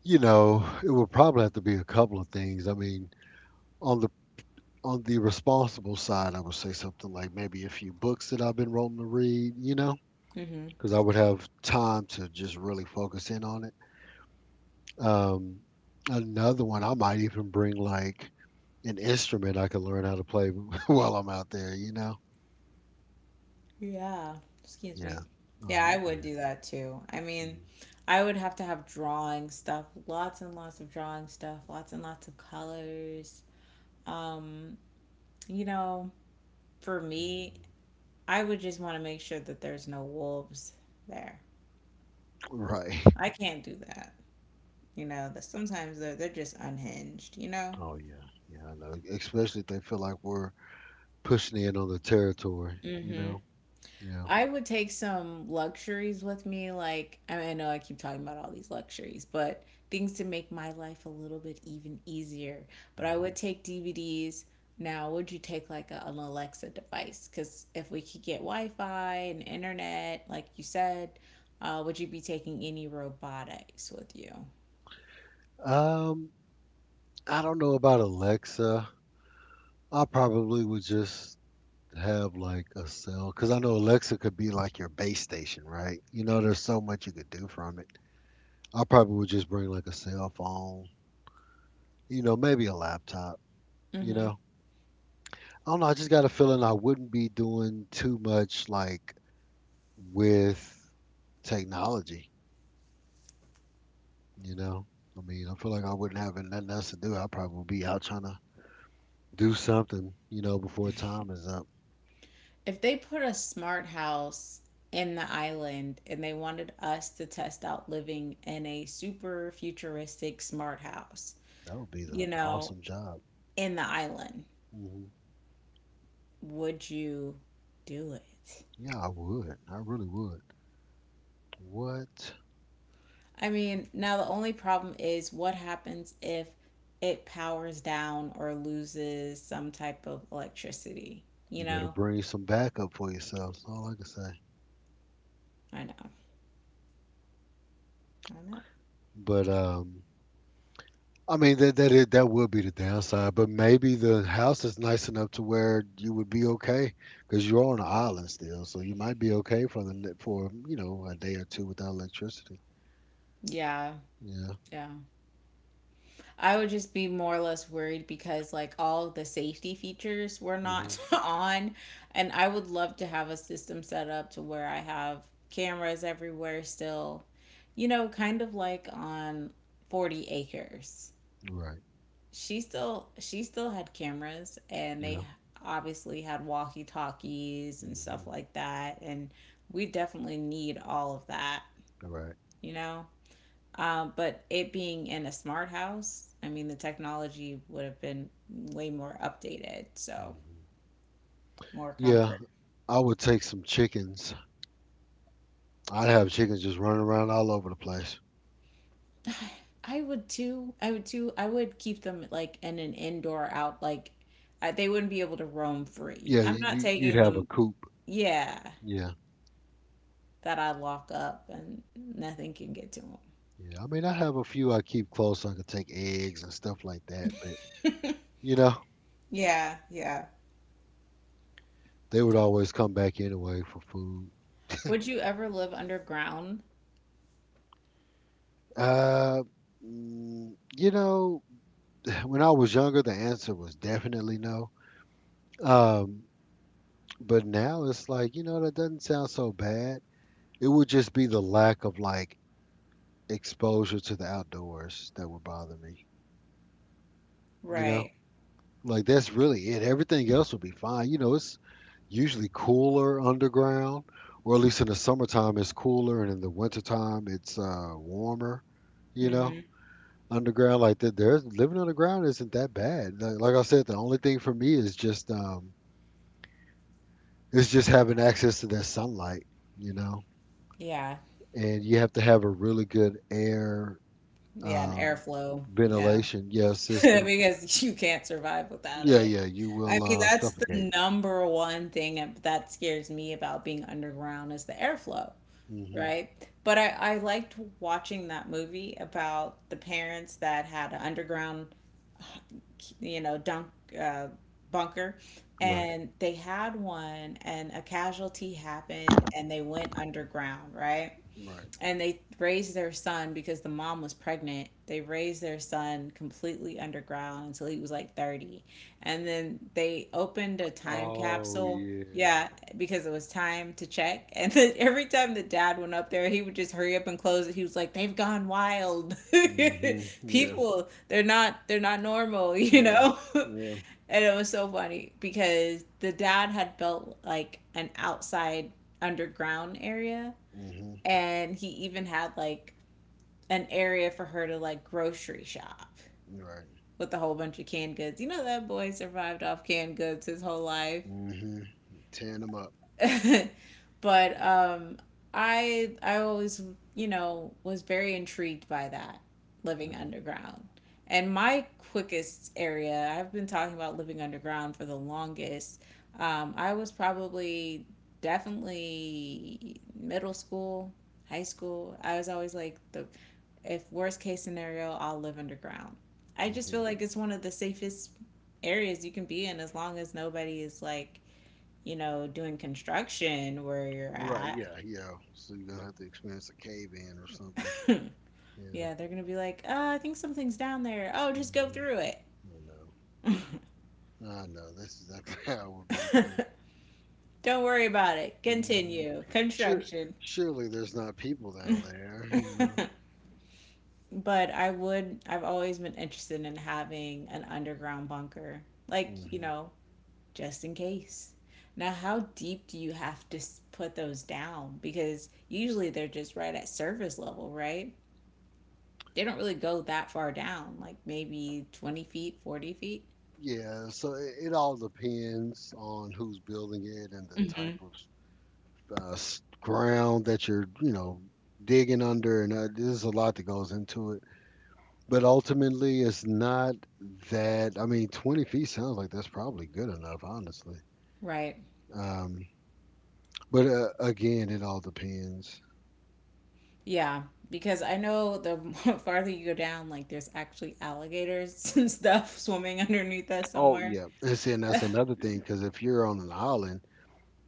Speaker 1: you know, it would probably have to be a couple of things. I mean, on the on the responsible side, I would say something like maybe a few books that I've been wanting to read. You know,
Speaker 2: Mm-hmm.
Speaker 1: because I would have time to just really focus in on it. Um, another one, I might even bring like an instrument I could learn how to play *laughs* while I'm out there. You know.
Speaker 2: Yeah, excuse
Speaker 1: Yeah.
Speaker 2: me.
Speaker 1: Oh,
Speaker 2: Yeah,
Speaker 1: you.
Speaker 2: I would
Speaker 1: Yeah.
Speaker 2: do that too. I mean,
Speaker 1: hmm
Speaker 2: I would have to have drawing stuff, lots and lots of drawing stuff, lots and lots of colors. Um, you know, for me, I would just want to make sure that there's no wolves there.
Speaker 1: Right.
Speaker 2: I can't do that. You know, that sometimes they're just unhinged, you know?
Speaker 1: Oh yeah, yeah, I know. Especially if they feel like we're pushing in on the territory, you know. Yeah.
Speaker 2: I would take some luxuries with me. Like, I mean, I know I keep talking about all these luxuries, but things to make my life a little bit even easier. But I
Speaker 1: Mhm.
Speaker 2: would take DVDs. Now, would you take like a, an Alexa device? Because if we could get Wi Fi and internet, like you said, would you be taking any robotics with you?
Speaker 1: Um, I don't know about Alexa. I probably would just have like a cell, because I know Alexa could be like your base station, right? You know, there's so much you could do from it. I probably would just bring like a cell phone, you know, maybe a laptop, you know. I don't know. I just got a feeling I wouldn't be doing too much like with technology. You know, I mean, I feel like I wouldn't have nothing else to do. I probably would be out trying to do something, you know, before time is up.
Speaker 2: If they put a smart house in the island and they wanted us to test out living in a super futuristic smart house,
Speaker 1: That would be
Speaker 2: you
Speaker 1: an
Speaker 2: know,
Speaker 1: awesome job.
Speaker 2: in the island,
Speaker 1: hmm
Speaker 2: would you do it?
Speaker 1: Yeah, I would. I really would. What?
Speaker 2: I mean, now the only problem is what happens if it powers down or loses some type of electricity, you
Speaker 1: You better
Speaker 2: know?
Speaker 1: bring some backup for yourself. That's all I can say.
Speaker 2: I know. I know.
Speaker 1: But I mean that would be the downside. But maybe the house is nice enough to where you would be okay because you're on an island still, so you might be okay for the for you know a day or two without electricity.
Speaker 2: Yeah.
Speaker 1: Yeah.
Speaker 2: Yeah. I would just be more or less worried because like all the safety features were
Speaker 1: hmm
Speaker 2: not *laughs* on, and I would love to have a system set up to where I have cameras everywhere still. You know, kind of like on 40 acres.
Speaker 1: Right.
Speaker 2: She still had cameras and
Speaker 1: Yeah.
Speaker 2: they obviously had walkie-talkies and stuff
Speaker 1: hmm
Speaker 2: like that, and we definitely need all of that,
Speaker 1: All right.
Speaker 2: you know? But it being in a smart house, I mean, the technology would have been way more updated, so
Speaker 1: hmm
Speaker 2: more
Speaker 1: Yeah,
Speaker 2: comfort.
Speaker 1: I would take some chickens. I'd have chickens just running around all over the place.
Speaker 2: I would too. I would too. I would keep them like in an indoor out like I, they wouldn't be able to roam free.
Speaker 1: Yeah, you,
Speaker 2: I'm not
Speaker 1: you you'd
Speaker 2: taking
Speaker 1: have a
Speaker 2: them.
Speaker 1: coop.
Speaker 2: Yeah,
Speaker 1: Yeah,
Speaker 2: that I lock up and nothing can get to them.
Speaker 1: yeah. I mean, I have a few I keep close, so I could take eggs and stuff like that, but you know,
Speaker 2: Yeah, yeah.
Speaker 1: they would always come back anyway for food.
Speaker 2: Would you ever live underground?
Speaker 1: Uh, you know, *sighs* when I was younger, the answer was definitely no. Um, but now it's like, you know, that doesn't sound so bad. It would just be the lack of like exposure to the outdoors that would bother me. You know,
Speaker 2: Right.
Speaker 1: like that's really it. Everything else would be fine. You know, it's usually cooler underground, or at least in the summertime it's cooler, and in the wintertime it's warmer. You know,
Speaker 2: Mm-hmm.
Speaker 1: underground like that. There's living underground isn't that bad. Like I said, the only thing for me is just it's just having access to that sunlight. You know,
Speaker 2: Yeah.
Speaker 1: and you have to have a really good air
Speaker 2: Yeah, an
Speaker 1: um,
Speaker 2: airflow. Yeah.
Speaker 1: ventilation, yeah,
Speaker 2: *laughs*
Speaker 1: system.
Speaker 2: Because you can't survive without
Speaker 1: Yeah,
Speaker 2: it.
Speaker 1: yeah, you
Speaker 2: I
Speaker 1: will
Speaker 2: mean, that's the
Speaker 1: suffocate.
Speaker 2: number one thing that scares me about being underground is the airflow,
Speaker 1: hmm
Speaker 2: right? But I liked watching that movie about the parents that had an underground, *sighs* you know, dunk uh, bunker,
Speaker 1: Right,
Speaker 2: and they had one, and a casualty happened, and they went underground, right?
Speaker 1: right.
Speaker 2: And they raised their son because the mom was pregnant. They raised their son completely underground until he was like 30. And then they opened a time
Speaker 1: Oh
Speaker 2: capsule.
Speaker 1: yeah.
Speaker 2: Yeah, because it was time to check. *laughs* And then every time the dad went up there, he would just hurry up and close it. He was like, "They've gone wild. *laughs*
Speaker 1: Yeah,
Speaker 2: People, they're not normal, you
Speaker 1: yeah,
Speaker 2: know?" *laughs*
Speaker 1: yeah.
Speaker 2: And it was so funny because the dad had built like an outside underground area,
Speaker 1: hmm
Speaker 2: and he even had like an area for her to like grocery shop
Speaker 1: Right.
Speaker 2: with a whole bunch of canned goods. You know that boy survived off canned goods his whole life.
Speaker 1: hmm Tearing them up.
Speaker 2: *laughs* But I always, you know, was very intrigued by that living
Speaker 1: hmm
Speaker 2: underground. And my quickest area, I've been talking about living underground for the longest. I was probably definitely middle school, high school. I was always like the, if worst case scenario, I'll live underground. I just
Speaker 1: hmm
Speaker 2: feel like it's one of the safest areas you can be in as long as nobody is like, you know, doing construction where you're
Speaker 1: Right.
Speaker 2: at.
Speaker 1: Yeah, yeah. So you're gonna have to experience a cave-in or something.
Speaker 2: *laughs*
Speaker 1: Yeah.
Speaker 2: Yeah, they're going to be like, oh, I think something's down there. Oh, just go
Speaker 1: hmm
Speaker 2: through
Speaker 1: I
Speaker 2: it.
Speaker 1: know. I know. This is that's *laughs* how it would be too.
Speaker 2: *laughs* Don't worry about it.
Speaker 1: hmm
Speaker 2: Continue.
Speaker 1: Sure.
Speaker 2: Construction.
Speaker 1: Surely there's not people down there. You know.
Speaker 2: *laughs* But I would, I've always been interested in having an underground bunker, like, you
Speaker 1: Mm-hmm.
Speaker 2: know, just in case. Now, how deep do you have to put those down? Because usually they're just right at surface level, right? They don't really go that far down, like maybe 20 feet, 40 feet.
Speaker 1: Yeah, so it all depends on who's building it and the type
Speaker 2: Mm-hmm.
Speaker 1: of ground that you're, you know, digging under, and there's a lot that goes into it. But ultimately, it's not that. I mean, 20 feet sounds like that's probably good enough, honestly.
Speaker 2: Right.
Speaker 1: Um, but again, it all depends.
Speaker 2: Yeah. Because I know the *laughs* farther you go down, like there's actually alligators *laughs* and stuff swimming underneath us
Speaker 1: Oh
Speaker 2: somewhere.
Speaker 1: yeah, and see, and that's another thing because if you're on an island,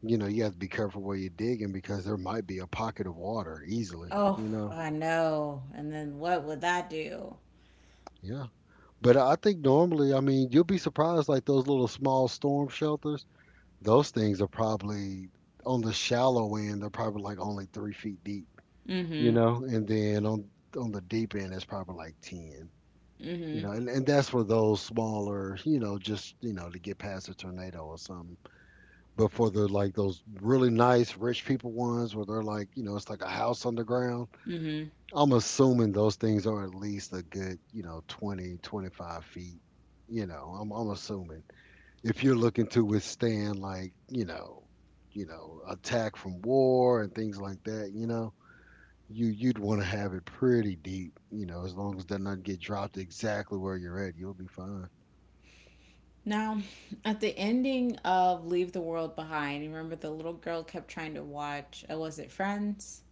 Speaker 1: you know, you have to be careful where you're digging because there might be a pocket of water easily.
Speaker 2: Oh,
Speaker 1: You know,
Speaker 2: I know. And then what would that do?
Speaker 1: yeah. But I think normally, I mean, you'll be surprised, like those little small storm shelters, those things are probably on the shallow end, they're probably like only 3 feet deep, you
Speaker 2: Mm
Speaker 1: know, and then on the deep end it's probably like ten.
Speaker 2: hmm.
Speaker 1: You
Speaker 2: Mm
Speaker 1: know, and that's for those smaller, you know, just, you know, to get past a tornado or something. But for the like those really nice rich people ones where they're like, you know, it's like a house underground,
Speaker 2: hmm. Mm hmm.
Speaker 1: I'm assuming those things are at least a good, you know, 25 feet. You know, I'm assuming if you're looking to withstand like, you know, attack from war and things like that, you know, you'd want to have it pretty deep. You know, as long as it does not get dropped exactly where you're at, you'll be fine.
Speaker 2: Now, at the ending of Leave the World Behind, you remember the little girl kept trying to watch, was it Friends?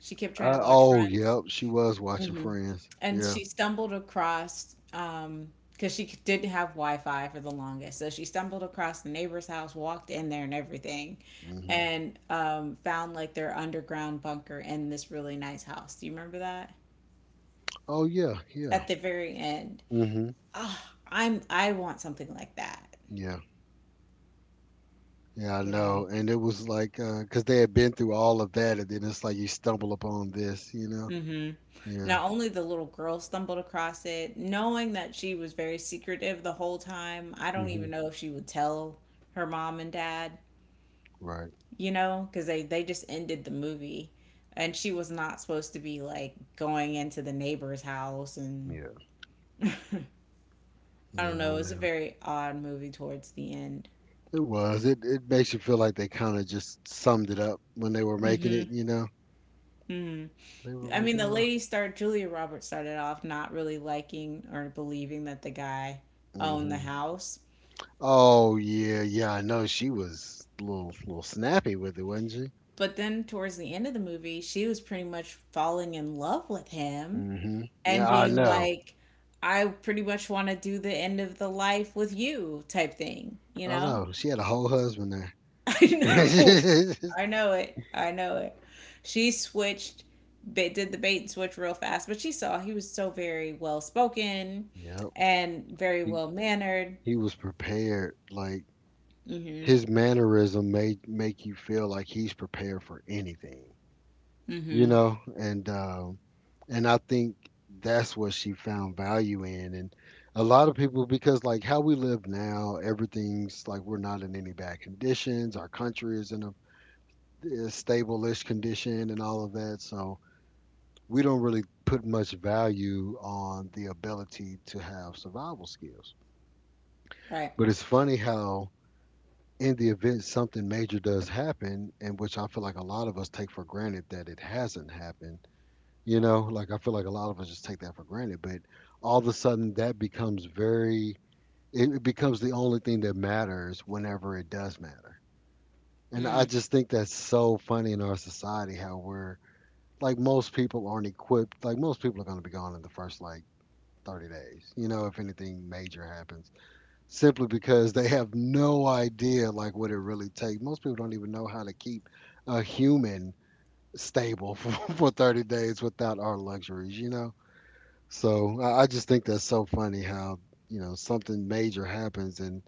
Speaker 2: She kept trying to watch
Speaker 1: Oh,
Speaker 2: Friends.
Speaker 1: yep, she was watching
Speaker 2: Hmm.
Speaker 1: Friends.
Speaker 2: And
Speaker 1: Yeah.
Speaker 2: she stumbled across, because didn't have Wi-Fi for the longest. So she stumbled across the neighbor's house, walked in there and everything,
Speaker 1: hmm
Speaker 2: and found like their underground bunker in this really nice house. Do you remember that?
Speaker 1: Oh yeah,
Speaker 2: At
Speaker 1: yeah.
Speaker 2: the very end.
Speaker 1: hmm
Speaker 2: I want something like that,
Speaker 1: Yeah. Yeah, I
Speaker 2: you know.
Speaker 1: know. And it was like, 'cause they had been through all of that, and then it's like you stumble upon this, you know?
Speaker 2: Hmm.
Speaker 1: Yeah.
Speaker 2: Not only the little girl stumbled across it, knowing that she was very secretive the whole time. I don't
Speaker 1: hmm
Speaker 2: even know if she would tell her mom and dad.
Speaker 1: Right.
Speaker 2: You know, because they just ended the movie, and she was not supposed to be like going into the neighbor's house, and
Speaker 1: Yeah.
Speaker 2: *laughs* I don't
Speaker 1: Yeah,
Speaker 2: know.
Speaker 1: I
Speaker 2: It was a
Speaker 1: know.
Speaker 2: very odd movie towards the end.
Speaker 1: It was. It makes you feel like they kind of just summed it up when they were making it,
Speaker 2: Hmm.
Speaker 1: you know?
Speaker 2: Hmm.
Speaker 1: They were
Speaker 2: I
Speaker 1: like,
Speaker 2: mean, the lady start Julia Roberts started off not really liking or believing that the guy owned the
Speaker 1: hmm
Speaker 2: house,
Speaker 1: oh, yeah, yeah, I know. She was a little snappy with it, wasn't she?
Speaker 2: but then towards the end of the movie, she was pretty much falling in love with him
Speaker 1: Hmm
Speaker 2: and
Speaker 1: Yeah, I
Speaker 2: being
Speaker 1: know.
Speaker 2: like, I pretty much want to do the end of the life with you type thing, you
Speaker 1: I
Speaker 2: know?
Speaker 1: know. She had a whole husband there.
Speaker 2: *laughs* I know.
Speaker 1: *laughs*
Speaker 2: I know it. I know it. She switched, did the bait and switch real fast, but she saw he was so very well spoken
Speaker 1: Yep.
Speaker 2: and very
Speaker 1: He,
Speaker 2: well mannered.
Speaker 1: he was prepared. Like,
Speaker 2: Hmm.
Speaker 1: his mannerism may make you feel like he's prepared for anything, you
Speaker 2: Hmm.
Speaker 1: know, and I think that's what she found value in, and a lot of people because like how we live now, everything's like we're not in any bad conditions. Our country is in a stable-ish condition and all of that, so we don't really put much value on the ability to have survival skills.
Speaker 2: Right.
Speaker 1: But it's funny how in the event something major does happen, and which I feel like a lot of us take for granted that it hasn't happened, you know, like I feel like a lot of us just take that for granted, but all of a sudden that becomes very, it becomes the only thing that matters whenever it does matter. And I
Speaker 2: Mm.
Speaker 1: just think that's so funny in our society how we're like most people aren't equipped, like most people are going to be gone in the first like 30 days, you know, if anything major happens simply because they have no idea like what it really takes. Most people don't even know how to keep a human stable for, *laughs* for 30 days without our luxuries, you know? So I just think that's so funny how, you know, something major happens and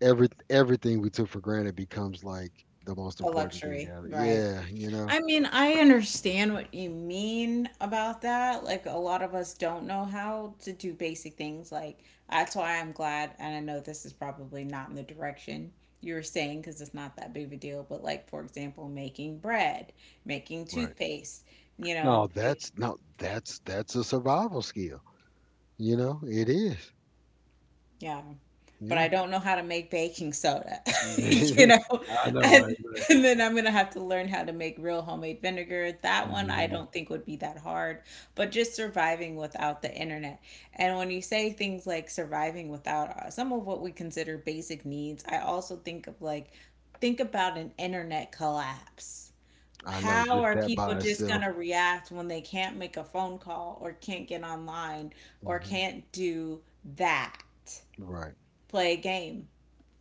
Speaker 1: everything we took for granted becomes like the most
Speaker 2: A
Speaker 1: important thing
Speaker 2: luxury.
Speaker 1: out of it.
Speaker 2: Right.
Speaker 1: Yeah, you know.
Speaker 2: I mean, I understand what you mean about that. Like, a lot of us don't know how to do basic things. Like, that's why I'm glad, and I know this is probably not in the direction you were saying because it's not that big of a deal, but like, for example, making bread, making
Speaker 1: Right.
Speaker 2: toothpaste, you
Speaker 1: No,
Speaker 2: know, make,
Speaker 1: that's no that's a survival skill. You know, it is.
Speaker 2: Yeah. But I
Speaker 1: Yeah.
Speaker 2: don't know how to make baking soda, *laughs* you
Speaker 1: *laughs*
Speaker 2: know?
Speaker 1: I know,
Speaker 2: And,
Speaker 1: right?
Speaker 2: and then I'm gonna have to learn how to make real homemade vinegar. That one I
Speaker 1: Mhm.
Speaker 2: don't think would be that hard, but just surviving without the internet. And when you say things like surviving without some of what we consider basic needs, I also think of like, think about an internet collapse.
Speaker 1: I know
Speaker 2: How
Speaker 1: just
Speaker 2: are
Speaker 1: that
Speaker 2: people
Speaker 1: by
Speaker 2: just
Speaker 1: itself.
Speaker 2: gonna react when they can't make a phone call or can't get online or
Speaker 1: Hmm
Speaker 2: can't do that?
Speaker 1: Right.
Speaker 2: Play a game.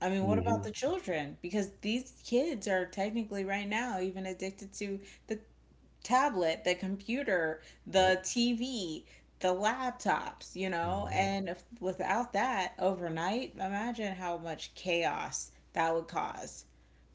Speaker 2: I mean, what about
Speaker 1: hmm
Speaker 2: the children? Because these kids are technically right now even addicted to the tablet, the computer,
Speaker 1: Yep.
Speaker 2: the TV, the laptops, you know?
Speaker 1: hmm
Speaker 2: And if, without that, overnight, imagine how much chaos that would cause.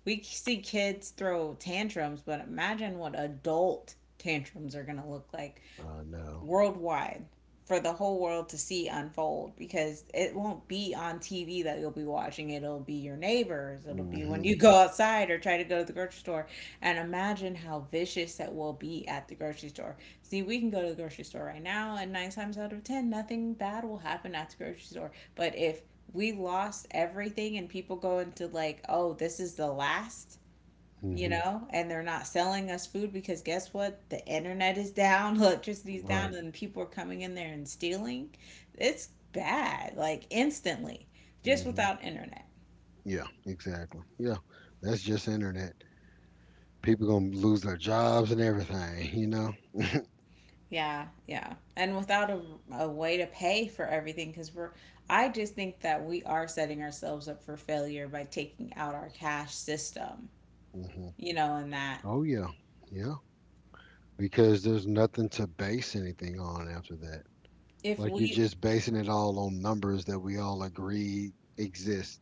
Speaker 2: We see kids throw tantrums, but imagine what adult tantrums are going to look like
Speaker 1: I know.
Speaker 2: worldwide for the whole world to see unfold because it won't be on TV that you'll be watching. It'll be your neighbors. It'll be when you
Speaker 1: Hmm
Speaker 2: go outside or try to go to the grocery store. And imagine how vicious that will be at the grocery store. See, we can go to the grocery store right now, and nine times out of ten, nothing bad will happen at the grocery store. But if we lost everything and people go into like, oh, this is the last you
Speaker 1: hmm
Speaker 2: know, and they're not selling us food because guess what? The internet is down, *laughs* electricity's down,
Speaker 1: Right.
Speaker 2: and people are coming in there and stealing. It's bad, like instantly, just
Speaker 1: hmm
Speaker 2: without internet.
Speaker 1: Yeah. Exactly. Yeah. That's just internet. People gonna lose their jobs and everything. *laughs* You know.
Speaker 2: Yeah, yeah. And without a way to pay for everything, I just think that we are setting ourselves up for failure by taking out our cash system,
Speaker 1: Hmm
Speaker 2: you know, and that
Speaker 1: Oh yeah. Yeah. Because there's nothing to base anything on after that.
Speaker 2: if
Speaker 1: Like you're
Speaker 2: we,
Speaker 1: just basing it all on numbers that we all agree exist,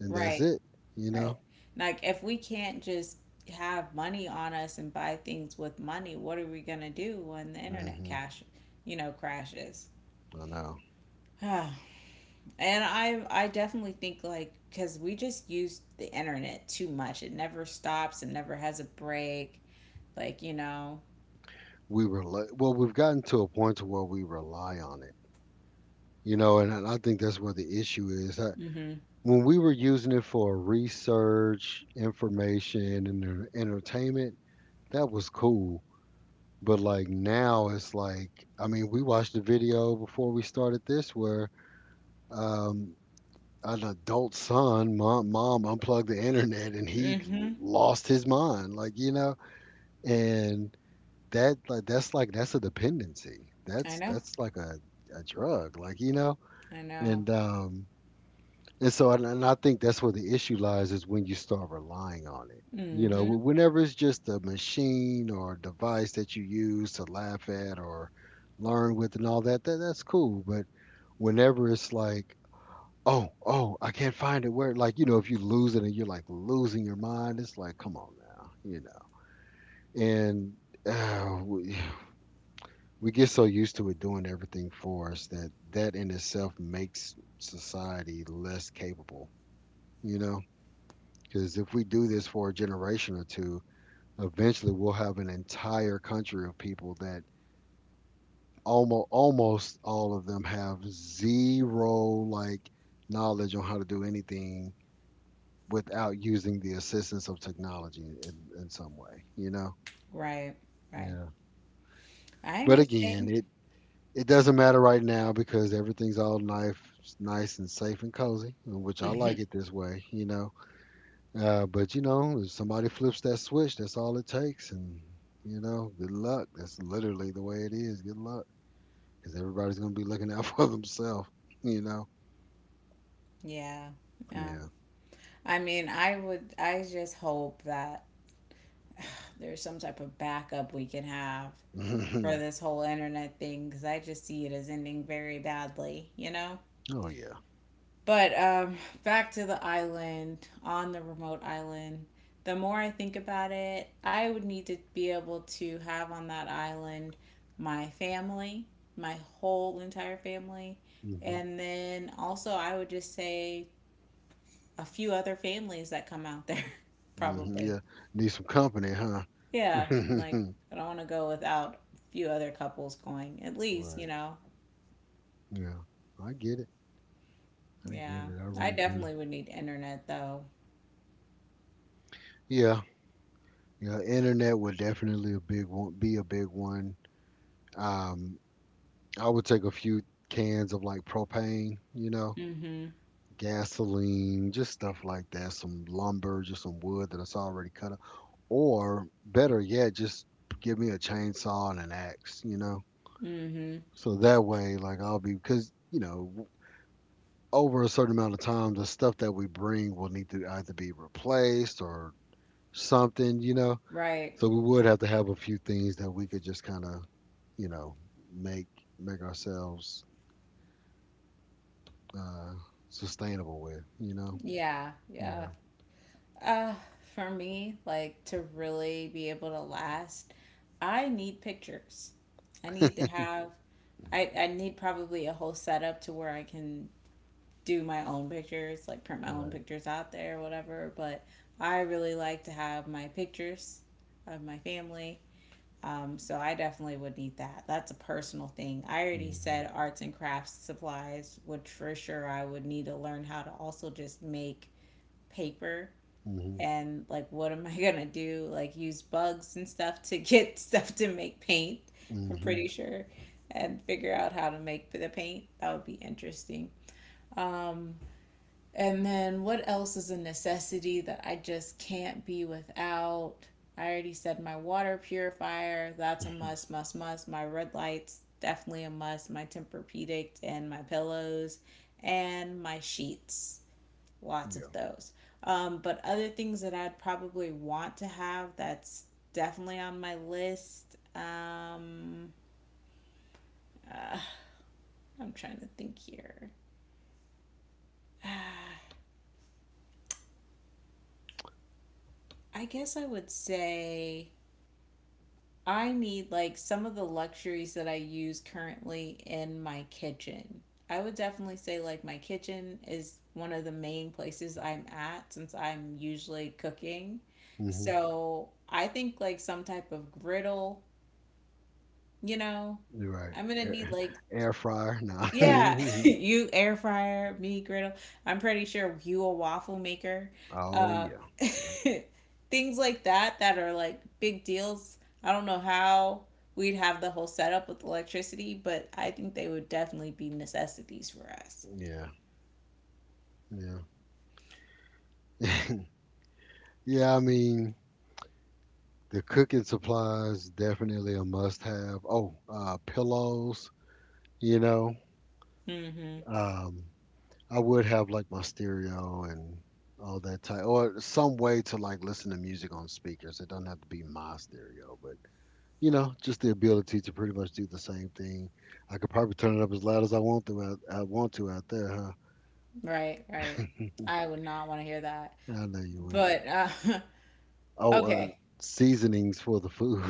Speaker 1: and that's
Speaker 2: right,
Speaker 1: it. You
Speaker 2: right?
Speaker 1: know.
Speaker 2: Like, if we can't just have money on us and buy things with money, what are we gonna do when the internet
Speaker 1: Hmm
Speaker 2: cash, you know, crashes?
Speaker 1: I know.
Speaker 2: *sighs* And I definitely think like because we just use the internet too much. It never stops. It never has a break. Like you know.
Speaker 1: We rely well we've gotten to a point to where we rely on it you know and I think that's where the issue is I,
Speaker 2: Mhm.
Speaker 1: when we were using it for research information and entertainment that was cool but like now it's like I mean we watched a video before we started this where um an adult son mom unplugged the internet and he
Speaker 2: Mhm.
Speaker 1: lost his mind like you know and that like that's a dependency.
Speaker 2: I
Speaker 1: That's
Speaker 2: know.
Speaker 1: that's like a drug, like you know.
Speaker 2: I know.
Speaker 1: And um and I think that's where the issue lies is when you start relying on it. You know,
Speaker 2: Mhm.
Speaker 1: whenever it's just a machine or a device that you use to laugh at or learn with and all that, that that's cool. But whenever it's like, oh, I can't find it where like, you know, if you lose it and you're like losing your mind, it's like, come on now, you know. And uh, we, we get so used to it doing everything for us that that in itself makes society less capable, you know? Because if we do this for a generation or two, eventually we'll have an entire country of people that almost all of them have zero like knowledge on how to do anything without using the assistance of technology in some way, you know?
Speaker 2: Right. Right.
Speaker 1: Yeah.
Speaker 2: I
Speaker 1: But again,
Speaker 2: understand.
Speaker 1: it. It doesn't matter right now because everything's all nice and safe and cozy, which I like it
Speaker 2: *laughs*
Speaker 1: this way, you know. But you know, if somebody flips that switch, that's all it takes, and you know, good luck. That's literally the way it is. Good luck, because everybody's gonna be looking out *laughs* for themselves, you know.
Speaker 2: Yeah. Yeah.
Speaker 1: Yeah.
Speaker 2: I mean, I would. I just hope that there's some type of backup we can have for
Speaker 1: *laughs*
Speaker 2: this whole internet thing because I just see it as ending very badly, you know?
Speaker 1: oh yeah.
Speaker 2: But back to the island, on the remote island, the more I think about it, I would need to be able to have on that island my family, my whole entire family,
Speaker 1: hmm
Speaker 2: and then also I would just say a few other families that come out there, *laughs*
Speaker 1: hmm
Speaker 2: probably.
Speaker 1: Yeah. Need some company, huh?
Speaker 2: Yeah, like
Speaker 1: *laughs*
Speaker 2: I don't want to go without a few other couples going. At least, you
Speaker 1: right.
Speaker 2: know.
Speaker 1: Yeah. I get it. I get
Speaker 2: Yeah.
Speaker 1: it. I
Speaker 2: I
Speaker 1: really do.
Speaker 2: definitely would need internet though.
Speaker 1: Yeah, yeah, internet would definitely be a big one. Um, I would take a few cans of like propane, you know,
Speaker 2: Mhm.
Speaker 1: gasoline, just stuff like that, some lumber, just some wood that it's already cut up. Or better yet, just give me a chainsaw and an axe, you know.
Speaker 2: Mhm.
Speaker 1: So that way, like I'll be, because, you know, over a certain amount of time, the stuff that we bring will need to either be replaced or something, you know.
Speaker 2: Right.
Speaker 1: So we would have to have a few things that we could just kind of, you know, make make ourselves uh, sustainable with. You know.
Speaker 2: Yeah.
Speaker 1: Yeah.
Speaker 2: Yeah. Uh for me, like to really be able to last, I need pictures. I need to have I need probably a whole setup to where I can do my own pictures, like print my own
Speaker 1: Right.
Speaker 2: pictures out there or whatever, but I really like to have my pictures of my family. So I definitely would need that. That's a personal thing. I already
Speaker 1: Mhm.
Speaker 2: said arts and crafts supplies, which for sure I would need to learn how to also just make paper
Speaker 1: Mhm.
Speaker 2: and like what am *laughs* I gonna do? Like use bugs and stuff to get *laughs* stuff to make paint, I'm
Speaker 1: Mhm.
Speaker 2: pretty sure, and figure out how to make the paint. That would be interesting. Um and then what else is a necessity that I just can't be without? I already said my water purifier, that's a
Speaker 1: *laughs*
Speaker 2: must, must. My red lights, definitely a must. My Tempur-Pedic and my pillows and my sheets. Lots of
Speaker 1: Yeah.
Speaker 2: those. But other things that I'd probably want to have that's definitely on my list. Uh, I'm trying to think here. I guess I would say I need like some of the luxuries that I use currently in my kitchen. I would definitely say like my kitchen is one of the main places I'm at since I'm usually cooking.
Speaker 1: Mhm.
Speaker 2: So I think like some type of griddle, you know,
Speaker 1: You're right.
Speaker 2: I'm gonna need like
Speaker 1: Air fryer. Nah. *laughs*
Speaker 2: yeah, *laughs* you air fryer, me griddle. I'm pretty sure you a waffle maker.
Speaker 1: oh
Speaker 2: Uh,
Speaker 1: yeah.
Speaker 2: *laughs*
Speaker 1: Yep.
Speaker 2: Things like that that are like big deals. I don't know how we'd have the whole setup with electricity, but I think they would definitely be necessities for us.
Speaker 1: Yeah. Yeah. *laughs* Yeah. I mean, the cooking supplies definitely a must-have. Oh, pillows. You know.
Speaker 2: Hmm.
Speaker 1: Um, I would have like my stereo and all that type, or some way to like listen to music on speakers. It doesn't have to be my stereo, but you know, just the ability to pretty much do the same thing. I could probably turn it up as loud as I want to. I want to out there, huh?
Speaker 2: Right, right. I would not want to hear that.
Speaker 1: I know you would.
Speaker 2: But *laughs*
Speaker 1: Oh,
Speaker 2: okay. *laughs*
Speaker 1: seasonings for the food.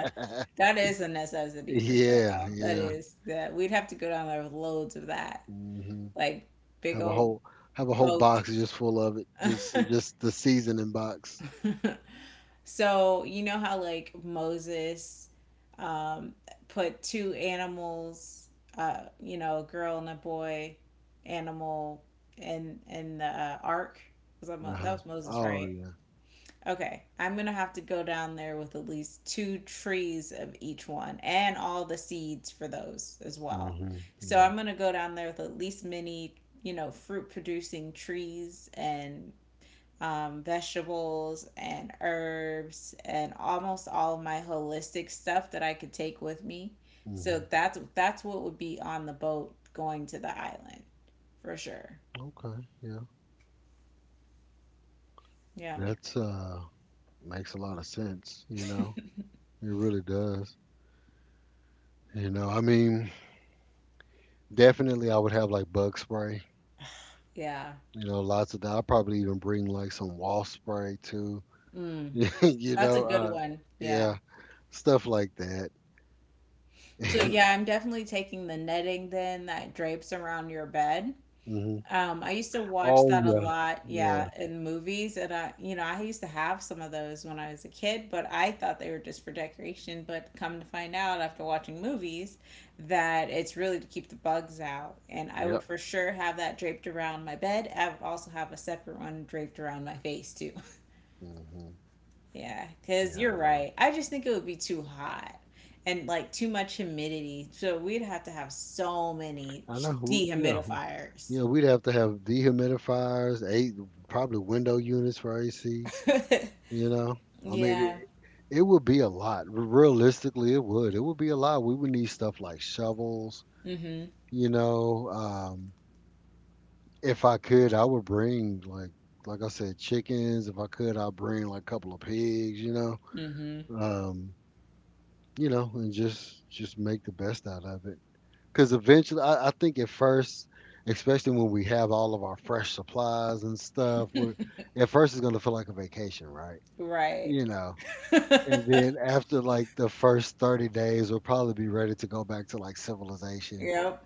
Speaker 1: *laughs*
Speaker 2: That is a necessity for sure,
Speaker 1: yeah,
Speaker 2: though. That
Speaker 1: yeah.
Speaker 2: is that we'd have to go down there with loads of that,
Speaker 1: hmm
Speaker 2: like big
Speaker 1: Have a
Speaker 2: old
Speaker 1: whole have a whole box
Speaker 2: boats.
Speaker 1: just full of it.
Speaker 2: *laughs*
Speaker 1: Just the seasoning box.
Speaker 2: So you know how like Moses um, put two animals, you know, a girl and a boy, animal in the ark. Was that,
Speaker 1: Uh
Speaker 2: That
Speaker 1: huh.
Speaker 2: was Moses,
Speaker 1: Oh
Speaker 2: right?
Speaker 1: yeah.
Speaker 2: Okay, I'm gonna have to go down there with at least two trees of each one and all the seeds for those as well.
Speaker 1: hmm
Speaker 2: So
Speaker 1: Yeah.
Speaker 2: I'm gonna go down there with at least many, you know, fruit producing trees and vegetables and herbs and almost all of my holistic stuff that I could take with me. So
Speaker 1: Mhm.
Speaker 2: that's what would be on the boat going to the island, for sure.
Speaker 1: Okay, yeah.
Speaker 2: Yeah,
Speaker 1: That's makes a lot of sense, you know.
Speaker 2: *laughs*
Speaker 1: It really does. You know, I mean, definitely I would have like bug spray,
Speaker 2: yeah.
Speaker 1: you know, lots of that. I'll probably even bring like some wall spray too. *laughs*
Speaker 2: Mm.
Speaker 1: you
Speaker 2: That's a
Speaker 1: know,
Speaker 2: good
Speaker 1: uh
Speaker 2: one. Yeah.
Speaker 1: yeah, stuff like that.
Speaker 2: So yeah,
Speaker 1: *laughs*
Speaker 2: I'm definitely taking the netting then that drapes around your bed.
Speaker 1: hmm
Speaker 2: I used to watch
Speaker 1: Oh
Speaker 2: that a
Speaker 1: yeah.
Speaker 2: lot,
Speaker 1: Yeah.
Speaker 2: yeah, in movies, and I, you know, I used to have some of those when I was a kid, but I thought they were just for decoration. But come to find out after watching movies that it's really to keep the bugs out. And I would
Speaker 1: Yep.
Speaker 2: for sure have that draped around my bed. I would also have a separate one draped around my face too. *laughs*
Speaker 1: hmm
Speaker 2: Yeah, because
Speaker 1: Yeah, I
Speaker 2: you're
Speaker 1: know.
Speaker 2: right. I just think it would be too hot and like too much humidity. So we'd have to have so many
Speaker 1: I know who yeah. who-
Speaker 2: dehumidifiers.
Speaker 1: Yeah, we'd have to have dehumidifiers, eight probably window units for AC. You know,
Speaker 2: *laughs*
Speaker 1: I mean,
Speaker 2: Yeah.
Speaker 1: it would be a lot. Realistically, it would. It would be a lot. We would need stuff like shovels.
Speaker 2: Mm hmm.
Speaker 1: You know, if I could, I would bring like I said, chickens. If I could, I'd bring like a couple of pigs.
Speaker 2: Mm hmm.
Speaker 1: Um, you know, and just make the best out of it. Because eventually, I think at first, especially when we have all of our fresh supplies and stuff, at first it's gonna feel like a vacation, right?
Speaker 2: Right.
Speaker 1: You know. And
Speaker 2: *laughs*
Speaker 1: then after like the first 30 days, we'll probably be ready to go back to like civilization.
Speaker 2: Yep.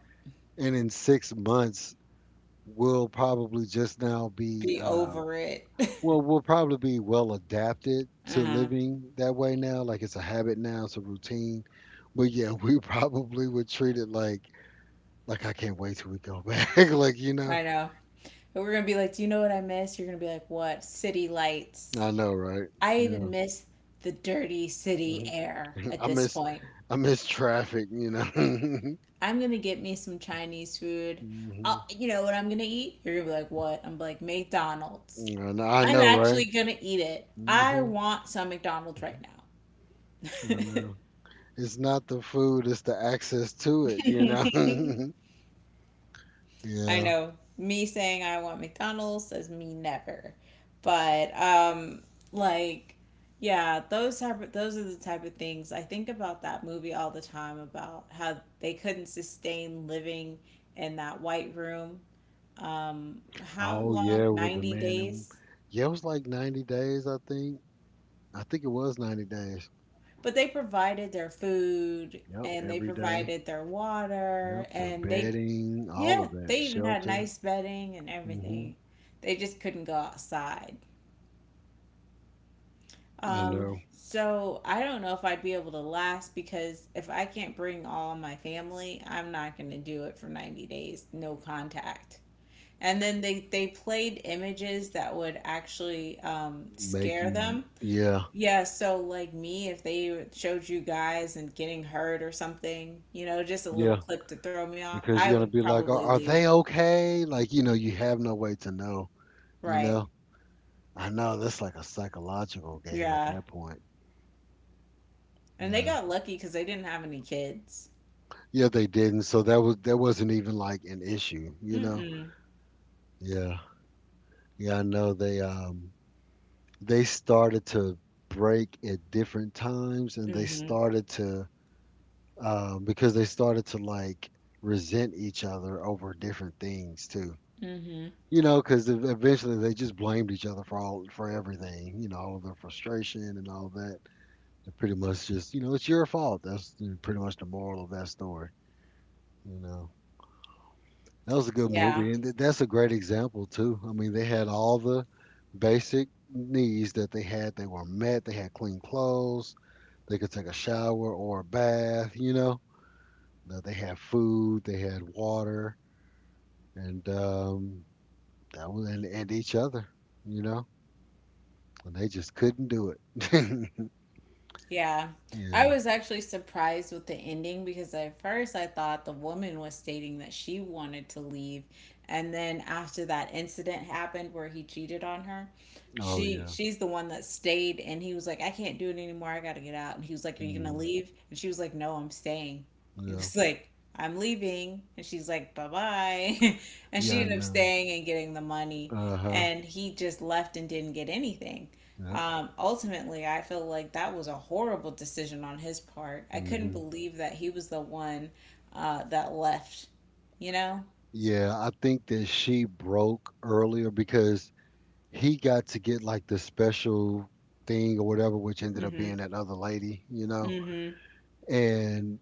Speaker 1: And in 6 months, we'll probably just now be,
Speaker 2: Be over it. *laughs* Uh
Speaker 1: we'll probably be well adapted to
Speaker 2: huh.
Speaker 1: living that way now. Like it's a habit now, it's a routine. But yeah, *laughs* we probably would treat it like I can't wait till we go back. *laughs* like, you know,
Speaker 2: I know. But we're going to be like, do you know what I miss? You're going to be like, what? City lights.
Speaker 1: I know, right?
Speaker 2: I
Speaker 1: Yeah.
Speaker 2: even miss the dirty city
Speaker 1: Mhm.
Speaker 2: air
Speaker 1: *laughs*
Speaker 2: at
Speaker 1: I
Speaker 2: this
Speaker 1: miss,
Speaker 2: point.
Speaker 1: I miss traffic, you know. *laughs* hmm
Speaker 2: I'm going to get me some Chinese food.
Speaker 1: I
Speaker 2: I'll, you know what I'm going to eat? You're going to be like, what? I'm like, McDonald's.
Speaker 1: I
Speaker 2: I'm
Speaker 1: know, right?
Speaker 2: actually going to eat it. I
Speaker 1: hmm
Speaker 2: want some McDonald's right
Speaker 1: I know. It's not the food, it's the access to it, you know?
Speaker 2: now. *laughs*
Speaker 1: *laughs*
Speaker 2: I
Speaker 1: yeah.
Speaker 2: know me saying I want McDonald's says me never. But like yeah, those type of, those are the type of things I think about that movie all the time about how they couldn't sustain living in that white room. How
Speaker 1: Oh,
Speaker 2: long?
Speaker 1: yeah, with the
Speaker 2: 90
Speaker 1: man. And
Speaker 2: days.
Speaker 1: yeah, it was like 90 days, I think. I think it was 90 days.
Speaker 2: But they provided their food
Speaker 1: Yep,
Speaker 2: and they
Speaker 1: every day.
Speaker 2: provided their water
Speaker 1: Yep, their
Speaker 2: and they
Speaker 1: bedding, all
Speaker 2: yeah,
Speaker 1: of
Speaker 2: they
Speaker 1: that,
Speaker 2: even had
Speaker 1: shelter.
Speaker 2: nice bedding and
Speaker 1: Hmm
Speaker 2: everything. They just couldn't go outside.
Speaker 1: I
Speaker 2: Um,
Speaker 1: know.
Speaker 2: so I don't know if I'd be able to last because if I can't bring all my family, I'm not going to do it for 90 days, no contact. And then they played images that would actually
Speaker 1: Make
Speaker 2: scare
Speaker 1: you,
Speaker 2: them.
Speaker 1: yeah,
Speaker 2: Yeah, so like me, if they showed you guys and getting hurt or something, you know, just a little
Speaker 1: yeah.
Speaker 2: clip to throw me off, I
Speaker 1: Because you're
Speaker 2: would
Speaker 1: going to be like,
Speaker 2: probably
Speaker 1: are
Speaker 2: leave.
Speaker 1: they okay? Like, you know, you have no way to know, you
Speaker 2: Right.
Speaker 1: know? I know that's like a psychological game at
Speaker 2: Yeah.
Speaker 1: that point.
Speaker 2: And they
Speaker 1: Yeah.
Speaker 2: got lucky because they didn't have any kids.
Speaker 1: Yeah, they didn't. So that was that wasn't even like an issue, you know?
Speaker 2: Mm-mm.
Speaker 1: Yeah. Yeah, I know they they started to break at different times and they
Speaker 2: Mm-hmm.
Speaker 1: started to because they started to like resent each other over different things too.
Speaker 2: Mm-hmm.
Speaker 1: You know, because eventually they just blamed each other for all for everything. You know, all of their frustration and all that. They pretty much just, you know, it's your fault. That's pretty much the moral of that story. You know. That was a good
Speaker 2: Yeah.
Speaker 1: movie, and that's a great example too. I mean, they had all the basic needs that they had. They were met. They had clean clothes. They could take a shower or a bath. You know, now, they had food. They had water, and that was and each other. You know, and they just couldn't do it. *laughs*
Speaker 2: Yeah. I
Speaker 1: Yeah.
Speaker 2: was actually surprised with the ending because at first I thought the woman was stating that she wanted to leave. And then after that incident happened where he cheated on her,
Speaker 1: Oh
Speaker 2: she
Speaker 1: yeah.
Speaker 2: she's the one that stayed and he was like, I can't do it anymore. I gotta get out. And he was like, are you gonna
Speaker 1: Mm,
Speaker 2: leave? And she was like, no, I'm staying. He
Speaker 1: yeah.
Speaker 2: was like, I'm leaving. And she's like, bye bye. *laughs* And
Speaker 1: Yeah.
Speaker 2: she
Speaker 1: I
Speaker 2: ended up
Speaker 1: know.
Speaker 2: staying and getting the money.
Speaker 1: Uh huh.
Speaker 2: And he just left and didn't get anything.
Speaker 1: Yeah.
Speaker 2: Ultimately, I feel like that was a horrible decision on his part. I couldn't
Speaker 1: hmm
Speaker 2: believe that he was the one that left, you know?
Speaker 1: Yeah, I think that she broke earlier because he got to get like the special thing or whatever, which ended
Speaker 2: Mm
Speaker 1: up
Speaker 2: hmm.
Speaker 1: being that other lady, you know.
Speaker 2: Mm hmm.
Speaker 1: And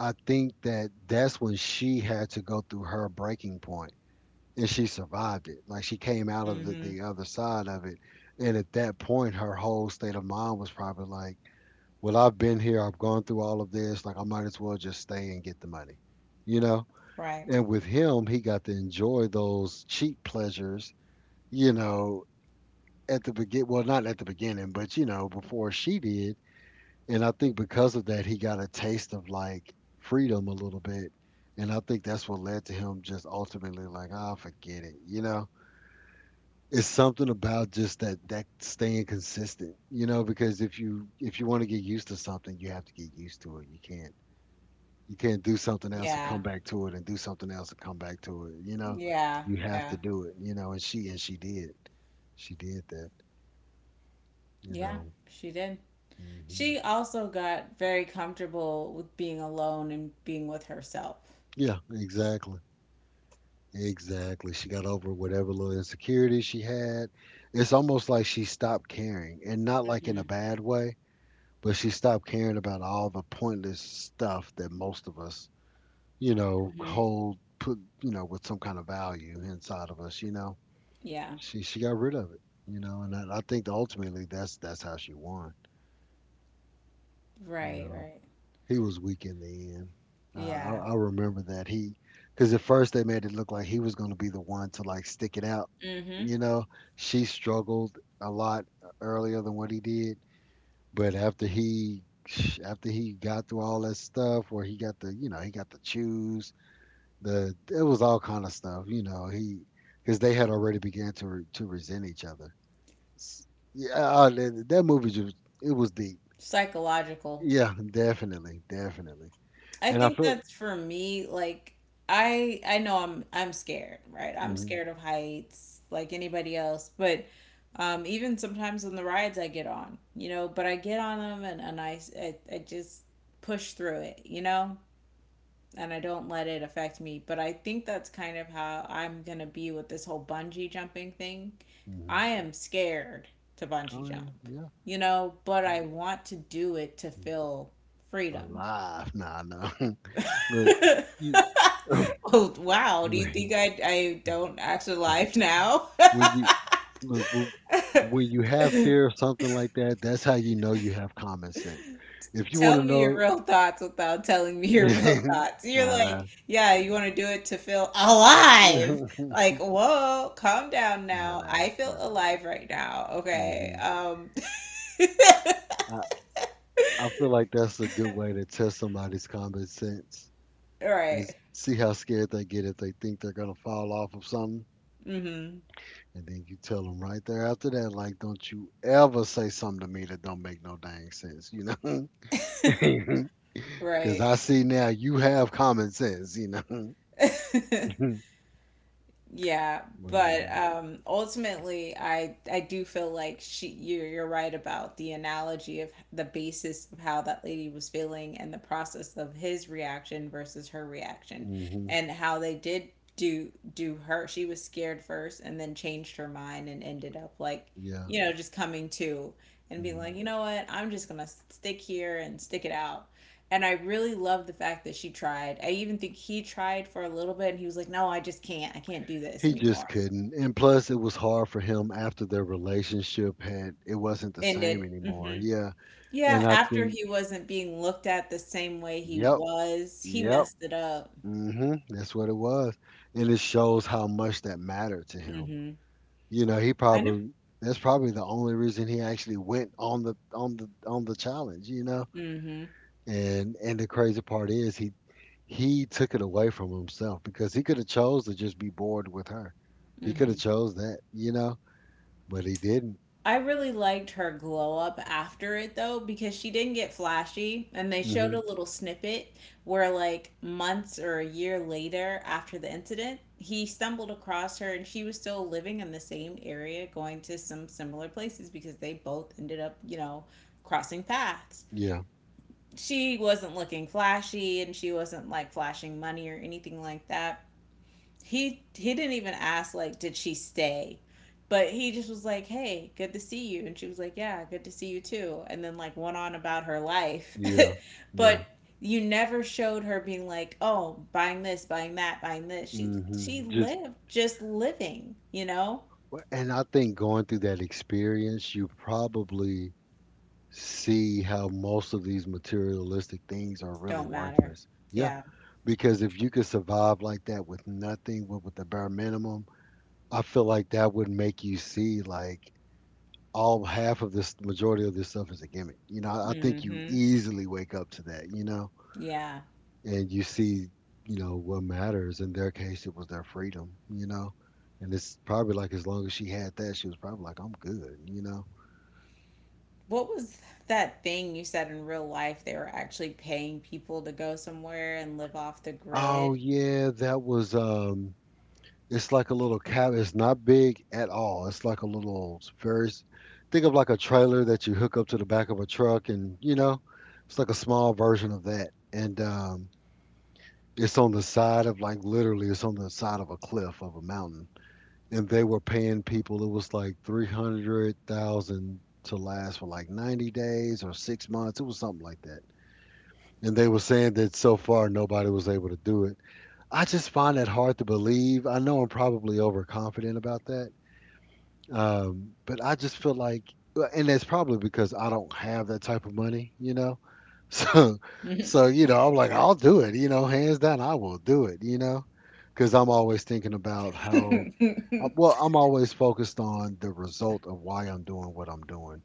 Speaker 1: I think that that's when she had to go through her breaking point, and she survived it. Like she came out of
Speaker 2: Mm hmm.
Speaker 1: the other side of it, and at that point, her whole state of mind was probably like, "Well, I've been here, I've gone through all of this. Like I might as well just stay and get the money," you know.
Speaker 2: Right.
Speaker 1: And with him, he got to enjoy those cheap pleasures, you know, at the begin well, not at the beginning, but you know, before she did. And I think because of that, he got a taste of like freedom a little bit, and I think that's what led to him just ultimately like, ah, forget it, you know. It's something about just that staying consistent, you know, because if you, if you want to get used to something, you have to get used to it. You can't, you can't do something else and
Speaker 2: Yeah.
Speaker 1: come back to it and do something else and come back to it, you know.
Speaker 2: Yeah.
Speaker 1: You have to
Speaker 2: Yeah.
Speaker 1: do it, you know. And she did, she did that, you
Speaker 2: Yeah.
Speaker 1: know.
Speaker 2: She did.
Speaker 1: Hmm
Speaker 2: She also got very comfortable with being alone and being with herself.
Speaker 1: Yeah, exactly. Exactly. She got over whatever little insecurity she had. It's almost like she stopped caring, and not like in a
Speaker 2: Mm-hmm.
Speaker 1: bad way, but she stopped caring about all the pointless stuff that most of us, you know,
Speaker 2: Mm-hmm.
Speaker 1: you know, with some kind of value inside of us, you know.
Speaker 2: Yeah.
Speaker 1: She got rid of it, you know, and I think ultimately that's how she won, you
Speaker 2: Right,
Speaker 1: know.
Speaker 2: right.
Speaker 1: He was weak in the end.
Speaker 2: Yeah.
Speaker 1: I remember that he, because at first they made it look like he was going to be the one to like stick it out.
Speaker 2: Mm-hmm.
Speaker 1: You know, she struggled a lot earlier than what he did, but after he got through all that stuff, where he got the you know, he got to choose the it was all kind of stuff. You know, he, because they had already began to to resent each other. S- Yeah, that movie just, it was deep.
Speaker 2: Psychological.
Speaker 1: Yeah, definitely, definitely.
Speaker 2: I
Speaker 1: And I
Speaker 2: think
Speaker 1: feel.
Speaker 2: that's for me, like I know I'm scared, right? I'm
Speaker 1: Mm-hmm.
Speaker 2: scared of heights like anybody else, but even sometimes on the rides I get on, you know, but I get on them and I, s- I just push through it, you know? And I don't let it affect me, but I think that's kind of how I'm going to be with this whole bungee jumping thing.
Speaker 1: Mhm.
Speaker 2: I am scared to bungee
Speaker 1: Oh, yeah,
Speaker 2: jump,
Speaker 1: yeah.
Speaker 2: you know, but I
Speaker 1: Mm,
Speaker 2: want to do it to
Speaker 1: mm.
Speaker 2: feel freedom.
Speaker 1: Alive. Nah, nah. *laughs* Look,
Speaker 2: *laughs*
Speaker 1: you,
Speaker 2: Oh, wow. Do you think
Speaker 1: when,
Speaker 2: I don't actually live now?
Speaker 1: when you look w-
Speaker 2: *laughs*
Speaker 1: when you have fear of something like that, that's how you know you have common sense. If you want
Speaker 2: Tell
Speaker 1: to
Speaker 2: me your
Speaker 1: know,
Speaker 2: real thoughts without telling me your real
Speaker 1: *laughs*
Speaker 2: thoughts. You're
Speaker 1: nah,
Speaker 2: like,
Speaker 1: nah,
Speaker 2: yeah, you want to do it to feel
Speaker 1: *laughs*
Speaker 2: alive.
Speaker 1: nah,
Speaker 2: Like, whoa, calm down
Speaker 1: nah,
Speaker 2: now.
Speaker 1: nah,
Speaker 2: I feel
Speaker 1: nah.
Speaker 2: alive right now. Okay.
Speaker 1: hmm I feel like that's a good way to test somebody's common sense,
Speaker 2: *laughs* All right.
Speaker 1: is see how scared they get if they think they're gonna fall off of something.
Speaker 2: Mm-hmm.
Speaker 1: And then you tell them right there after that, like, don't you ever say something to me that don't make no dang sense, you know? *laughs* Because
Speaker 2: Right.
Speaker 1: I see now you have common sense, you know?
Speaker 2: *laughs*
Speaker 1: *laughs*
Speaker 2: Yeah,
Speaker 1: Well, yeah.
Speaker 2: but ultimately, I do feel like she you're right about the analogy of the basis of how that lady was feeling and the process of his reaction versus her reaction,
Speaker 1: hmm
Speaker 2: and how they did do do her. She was scared first, and then changed her mind and ended up like,
Speaker 1: Yeah.
Speaker 2: you know, just coming to and being like,
Speaker 1: hmm
Speaker 2: you know what, I'm just gonna stick here and stick it out. And I really love the fact that she tried. I even think he tried for a little bit and he was like, no, I just can't. I can't do this
Speaker 1: He just
Speaker 2: anymore.
Speaker 1: couldn't. And plus, it was hard for him after their relationship had, it wasn't the same
Speaker 2: Ended.
Speaker 1: anymore.
Speaker 2: Hmm.
Speaker 1: Yeah. And
Speaker 2: Yeah,
Speaker 1: I
Speaker 2: after
Speaker 1: think,
Speaker 2: he wasn't being looked at the same way he
Speaker 1: yep,
Speaker 2: was, he
Speaker 1: yep.
Speaker 2: messed it up.
Speaker 1: hmm That's what it was. And it shows how much that mattered to him.
Speaker 2: Hmm.
Speaker 1: You know, he
Speaker 2: I know.
Speaker 1: probably, that's probably the only reason he actually went on the on the on the challenge, you know.
Speaker 2: Hmm.
Speaker 1: And the crazy part is he took it away from himself because he could have chose to just be bored with her. He could have
Speaker 2: Hmm.
Speaker 1: chose that, you know, but he didn't.
Speaker 2: I really liked her glow up after it though because she didn't get flashy and they showed a
Speaker 1: Hmm
Speaker 2: little snippet where like months or a year later after the incident he stumbled across her and she was still living in the same area going to some similar places because they both ended up, you know, crossing paths.
Speaker 1: Yeah.
Speaker 2: She wasn't looking flashy and she wasn't like flashing money or anything like that. He didn't even ask, like, did she stay, but he just was like, hey, good to see you, and she was like, yeah, good to see you too, and then like went on about her life.
Speaker 1: Yeah.
Speaker 2: *laughs*
Speaker 1: Yeah.
Speaker 2: But you never showed her being like, oh, buying this, buying that, buying this. She
Speaker 1: hmm Just,
Speaker 2: lived, just living, you know.
Speaker 1: and I think going through that experience, you probably see how most of these materialistic things are really
Speaker 2: Don't matter.
Speaker 1: worthless. Yeah,
Speaker 2: Yeah.
Speaker 1: because if you could survive like that with nothing, with the bare minimum, I feel like that would make you see like all half of this, majority of this stuff is a gimmick, you know. I think you
Speaker 2: Mm-hmm.
Speaker 1: easily wake up to that, you know.
Speaker 2: Yeah.
Speaker 1: And you see, you know, what matters. In their case, it was their freedom, you know. And it's probably like, as long as she had that, she was probably like, I'm good, you know.
Speaker 2: What was that thing you said in real life they were actually paying people to go somewhere and live off the
Speaker 1: Oh
Speaker 2: grid?
Speaker 1: yeah, that was. It's like a little cabin. It's not big at all. It's like a little very, think of like a trailer that you hook up to the back of a truck, and you know, it's like a small version of that. And it's on the side of like, literally, it's on the side of a cliff of a mountain. And they were paying people. It was like 300,000 to last for like 90 days or 6 months. It was something like that. And they were saying that so far nobody was able to do it. I just find that hard to believe. I know I'm probably overconfident about that, but I just feel like, well, and that's probably because I don't have that type of money, you know. *laughs* So, so you know, I'm like, I'll do it, you know, hands down, I will do it, you know, because I'm always thinking about how,
Speaker 2: *laughs*
Speaker 1: well, I'm always focused on the result of why I'm doing what I'm doing.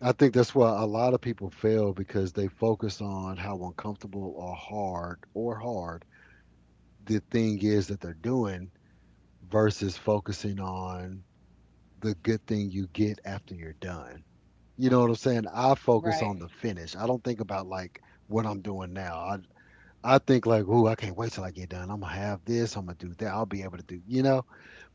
Speaker 1: I think that's why a lot of people fail because they focus on how uncomfortable or hard the thing is that they're doing, versus focusing on the good thing you get after you're done. You know what I'm saying? I focus on
Speaker 2: Right.
Speaker 1: the finish. I don't think about like what I'm doing now. I think like, ooh, I can't wait till I get done. I'm gonna have this. I'm gonna do that. I'll be able to do, you know.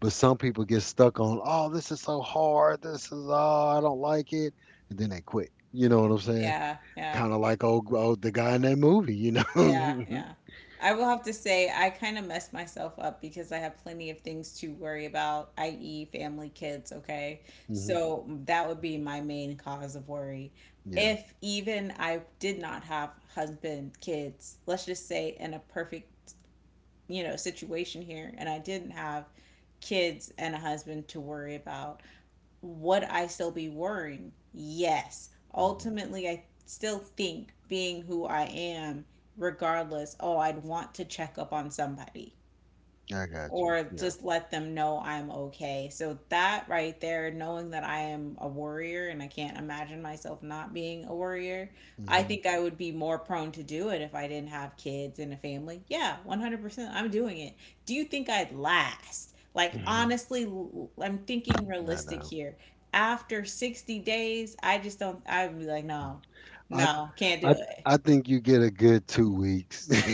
Speaker 1: But some people get stuck on, oh, this is so hard. This is oh, I don't like it, and then they quit. You know what I'm saying?
Speaker 2: Yeah, yeah,
Speaker 1: Kind of like old the guy in that movie, you
Speaker 2: yeah,
Speaker 1: know?
Speaker 2: yeah.
Speaker 1: *laughs*
Speaker 2: I will have to say, I kind of messed myself up because I have plenty of things to worry about, i.e., family, kids, okay?
Speaker 1: hmm
Speaker 2: So that would be my main cause of worry.
Speaker 1: Yeah.
Speaker 2: If even I did not have husband, kids, let's just say in a perfect, you know, situation here, and I didn't have kids and a husband to worry about, would I still be worrying? Yes.
Speaker 1: hmm
Speaker 2: Ultimately, I still think being who I am, regardless, oh, I'd want to check up on somebody
Speaker 1: I got you.
Speaker 2: or
Speaker 1: Yeah.
Speaker 2: just let them know I'm okay. So that right there, knowing that I am a warrior and I can't imagine myself not being a warrior, I
Speaker 1: hmm
Speaker 2: think I would be more prone to do it if I didn't have kids and a family. Yeah, 100%. I'm doing it. Do you think I'd last? Like,
Speaker 1: hmm
Speaker 2: honestly, l- I'm thinking
Speaker 1: I
Speaker 2: realistic
Speaker 1: know.
Speaker 2: here. After 60 days, I just don't, I'd be like,
Speaker 1: Hmm.
Speaker 2: no,
Speaker 1: I
Speaker 2: no, can't do
Speaker 1: I
Speaker 2: it.
Speaker 1: I think you get a good 2 weeks. *laughs*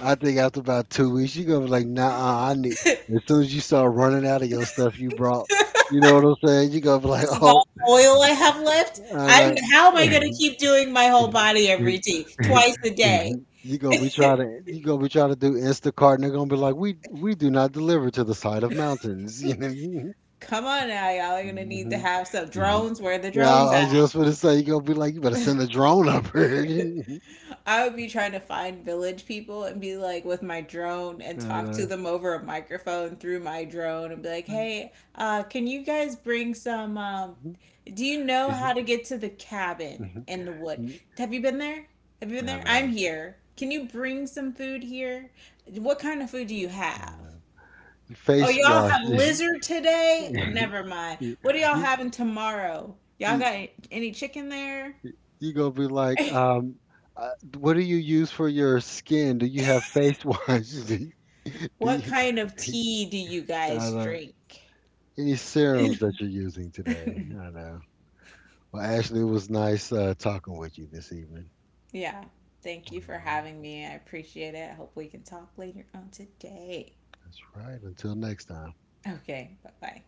Speaker 1: I think after about 2 weeks, you gonna be like, nah, I need. As soon as you start running out of your stuff you brought, you know what I'm saying? You gonna be like,
Speaker 2: This is
Speaker 1: *laughs*
Speaker 2: all
Speaker 1: oh,
Speaker 2: oil I have left.
Speaker 1: I
Speaker 2: I'm,
Speaker 1: know.
Speaker 2: how am I gonna keep doing my whole
Speaker 1: *laughs*
Speaker 2: body every day, twice a day?
Speaker 1: You gonna be trying to do Instacart, and they're gonna be like, we do not deliver to the side of mountains. *laughs* You know?
Speaker 2: Come on now, y'all are gonna need to have some
Speaker 1: Hmm *laughs*
Speaker 2: drones. Where are the
Speaker 1: Yeah,
Speaker 2: drones
Speaker 1: I was
Speaker 2: at?
Speaker 1: just gonna say, you gonna be like, you better send a drone up here. *laughs* I
Speaker 2: I would be trying to find village people and be like with my drone and talk to
Speaker 1: know.
Speaker 2: them over a microphone through my drone and be like,
Speaker 1: Like,
Speaker 2: hey, can you guys bring some?
Speaker 1: hmm.
Speaker 2: Do you know how
Speaker 1: Mhm,
Speaker 2: to get to the cabin
Speaker 1: mhm.
Speaker 2: in the wood?
Speaker 1: Mm,
Speaker 2: Have you been there? Have you been
Speaker 1: I
Speaker 2: there? I'm
Speaker 1: know,
Speaker 2: here. Can you bring some food here? What kind of food do you
Speaker 1: I
Speaker 2: have?
Speaker 1: know.
Speaker 2: Oh,
Speaker 1: Face
Speaker 2: y'all
Speaker 1: wash. *laughs*
Speaker 2: have lizard today? Never mind. What are y'all
Speaker 1: You,
Speaker 2: having tomorrow? Y'all
Speaker 1: you,
Speaker 2: got any chicken there?
Speaker 1: you gonna be like,
Speaker 2: *laughs*
Speaker 1: uh, what do you use for your skin? Do you have face wash? *laughs* Do you, do
Speaker 2: What
Speaker 1: you-
Speaker 2: kind of
Speaker 1: *laughs*
Speaker 2: tea do you
Speaker 1: I
Speaker 2: guys
Speaker 1: know.
Speaker 2: drink?
Speaker 1: Any serums that you're using today? I
Speaker 2: *laughs*
Speaker 1: know. Well, Ashley, it was nice talking with you this evening.
Speaker 2: Yeah. Thank
Speaker 1: All
Speaker 2: you for
Speaker 1: right,
Speaker 2: having me. I appreciate it. I hope we can talk later on today.
Speaker 1: that's right. Until next time.
Speaker 2: Okay. Bye bye.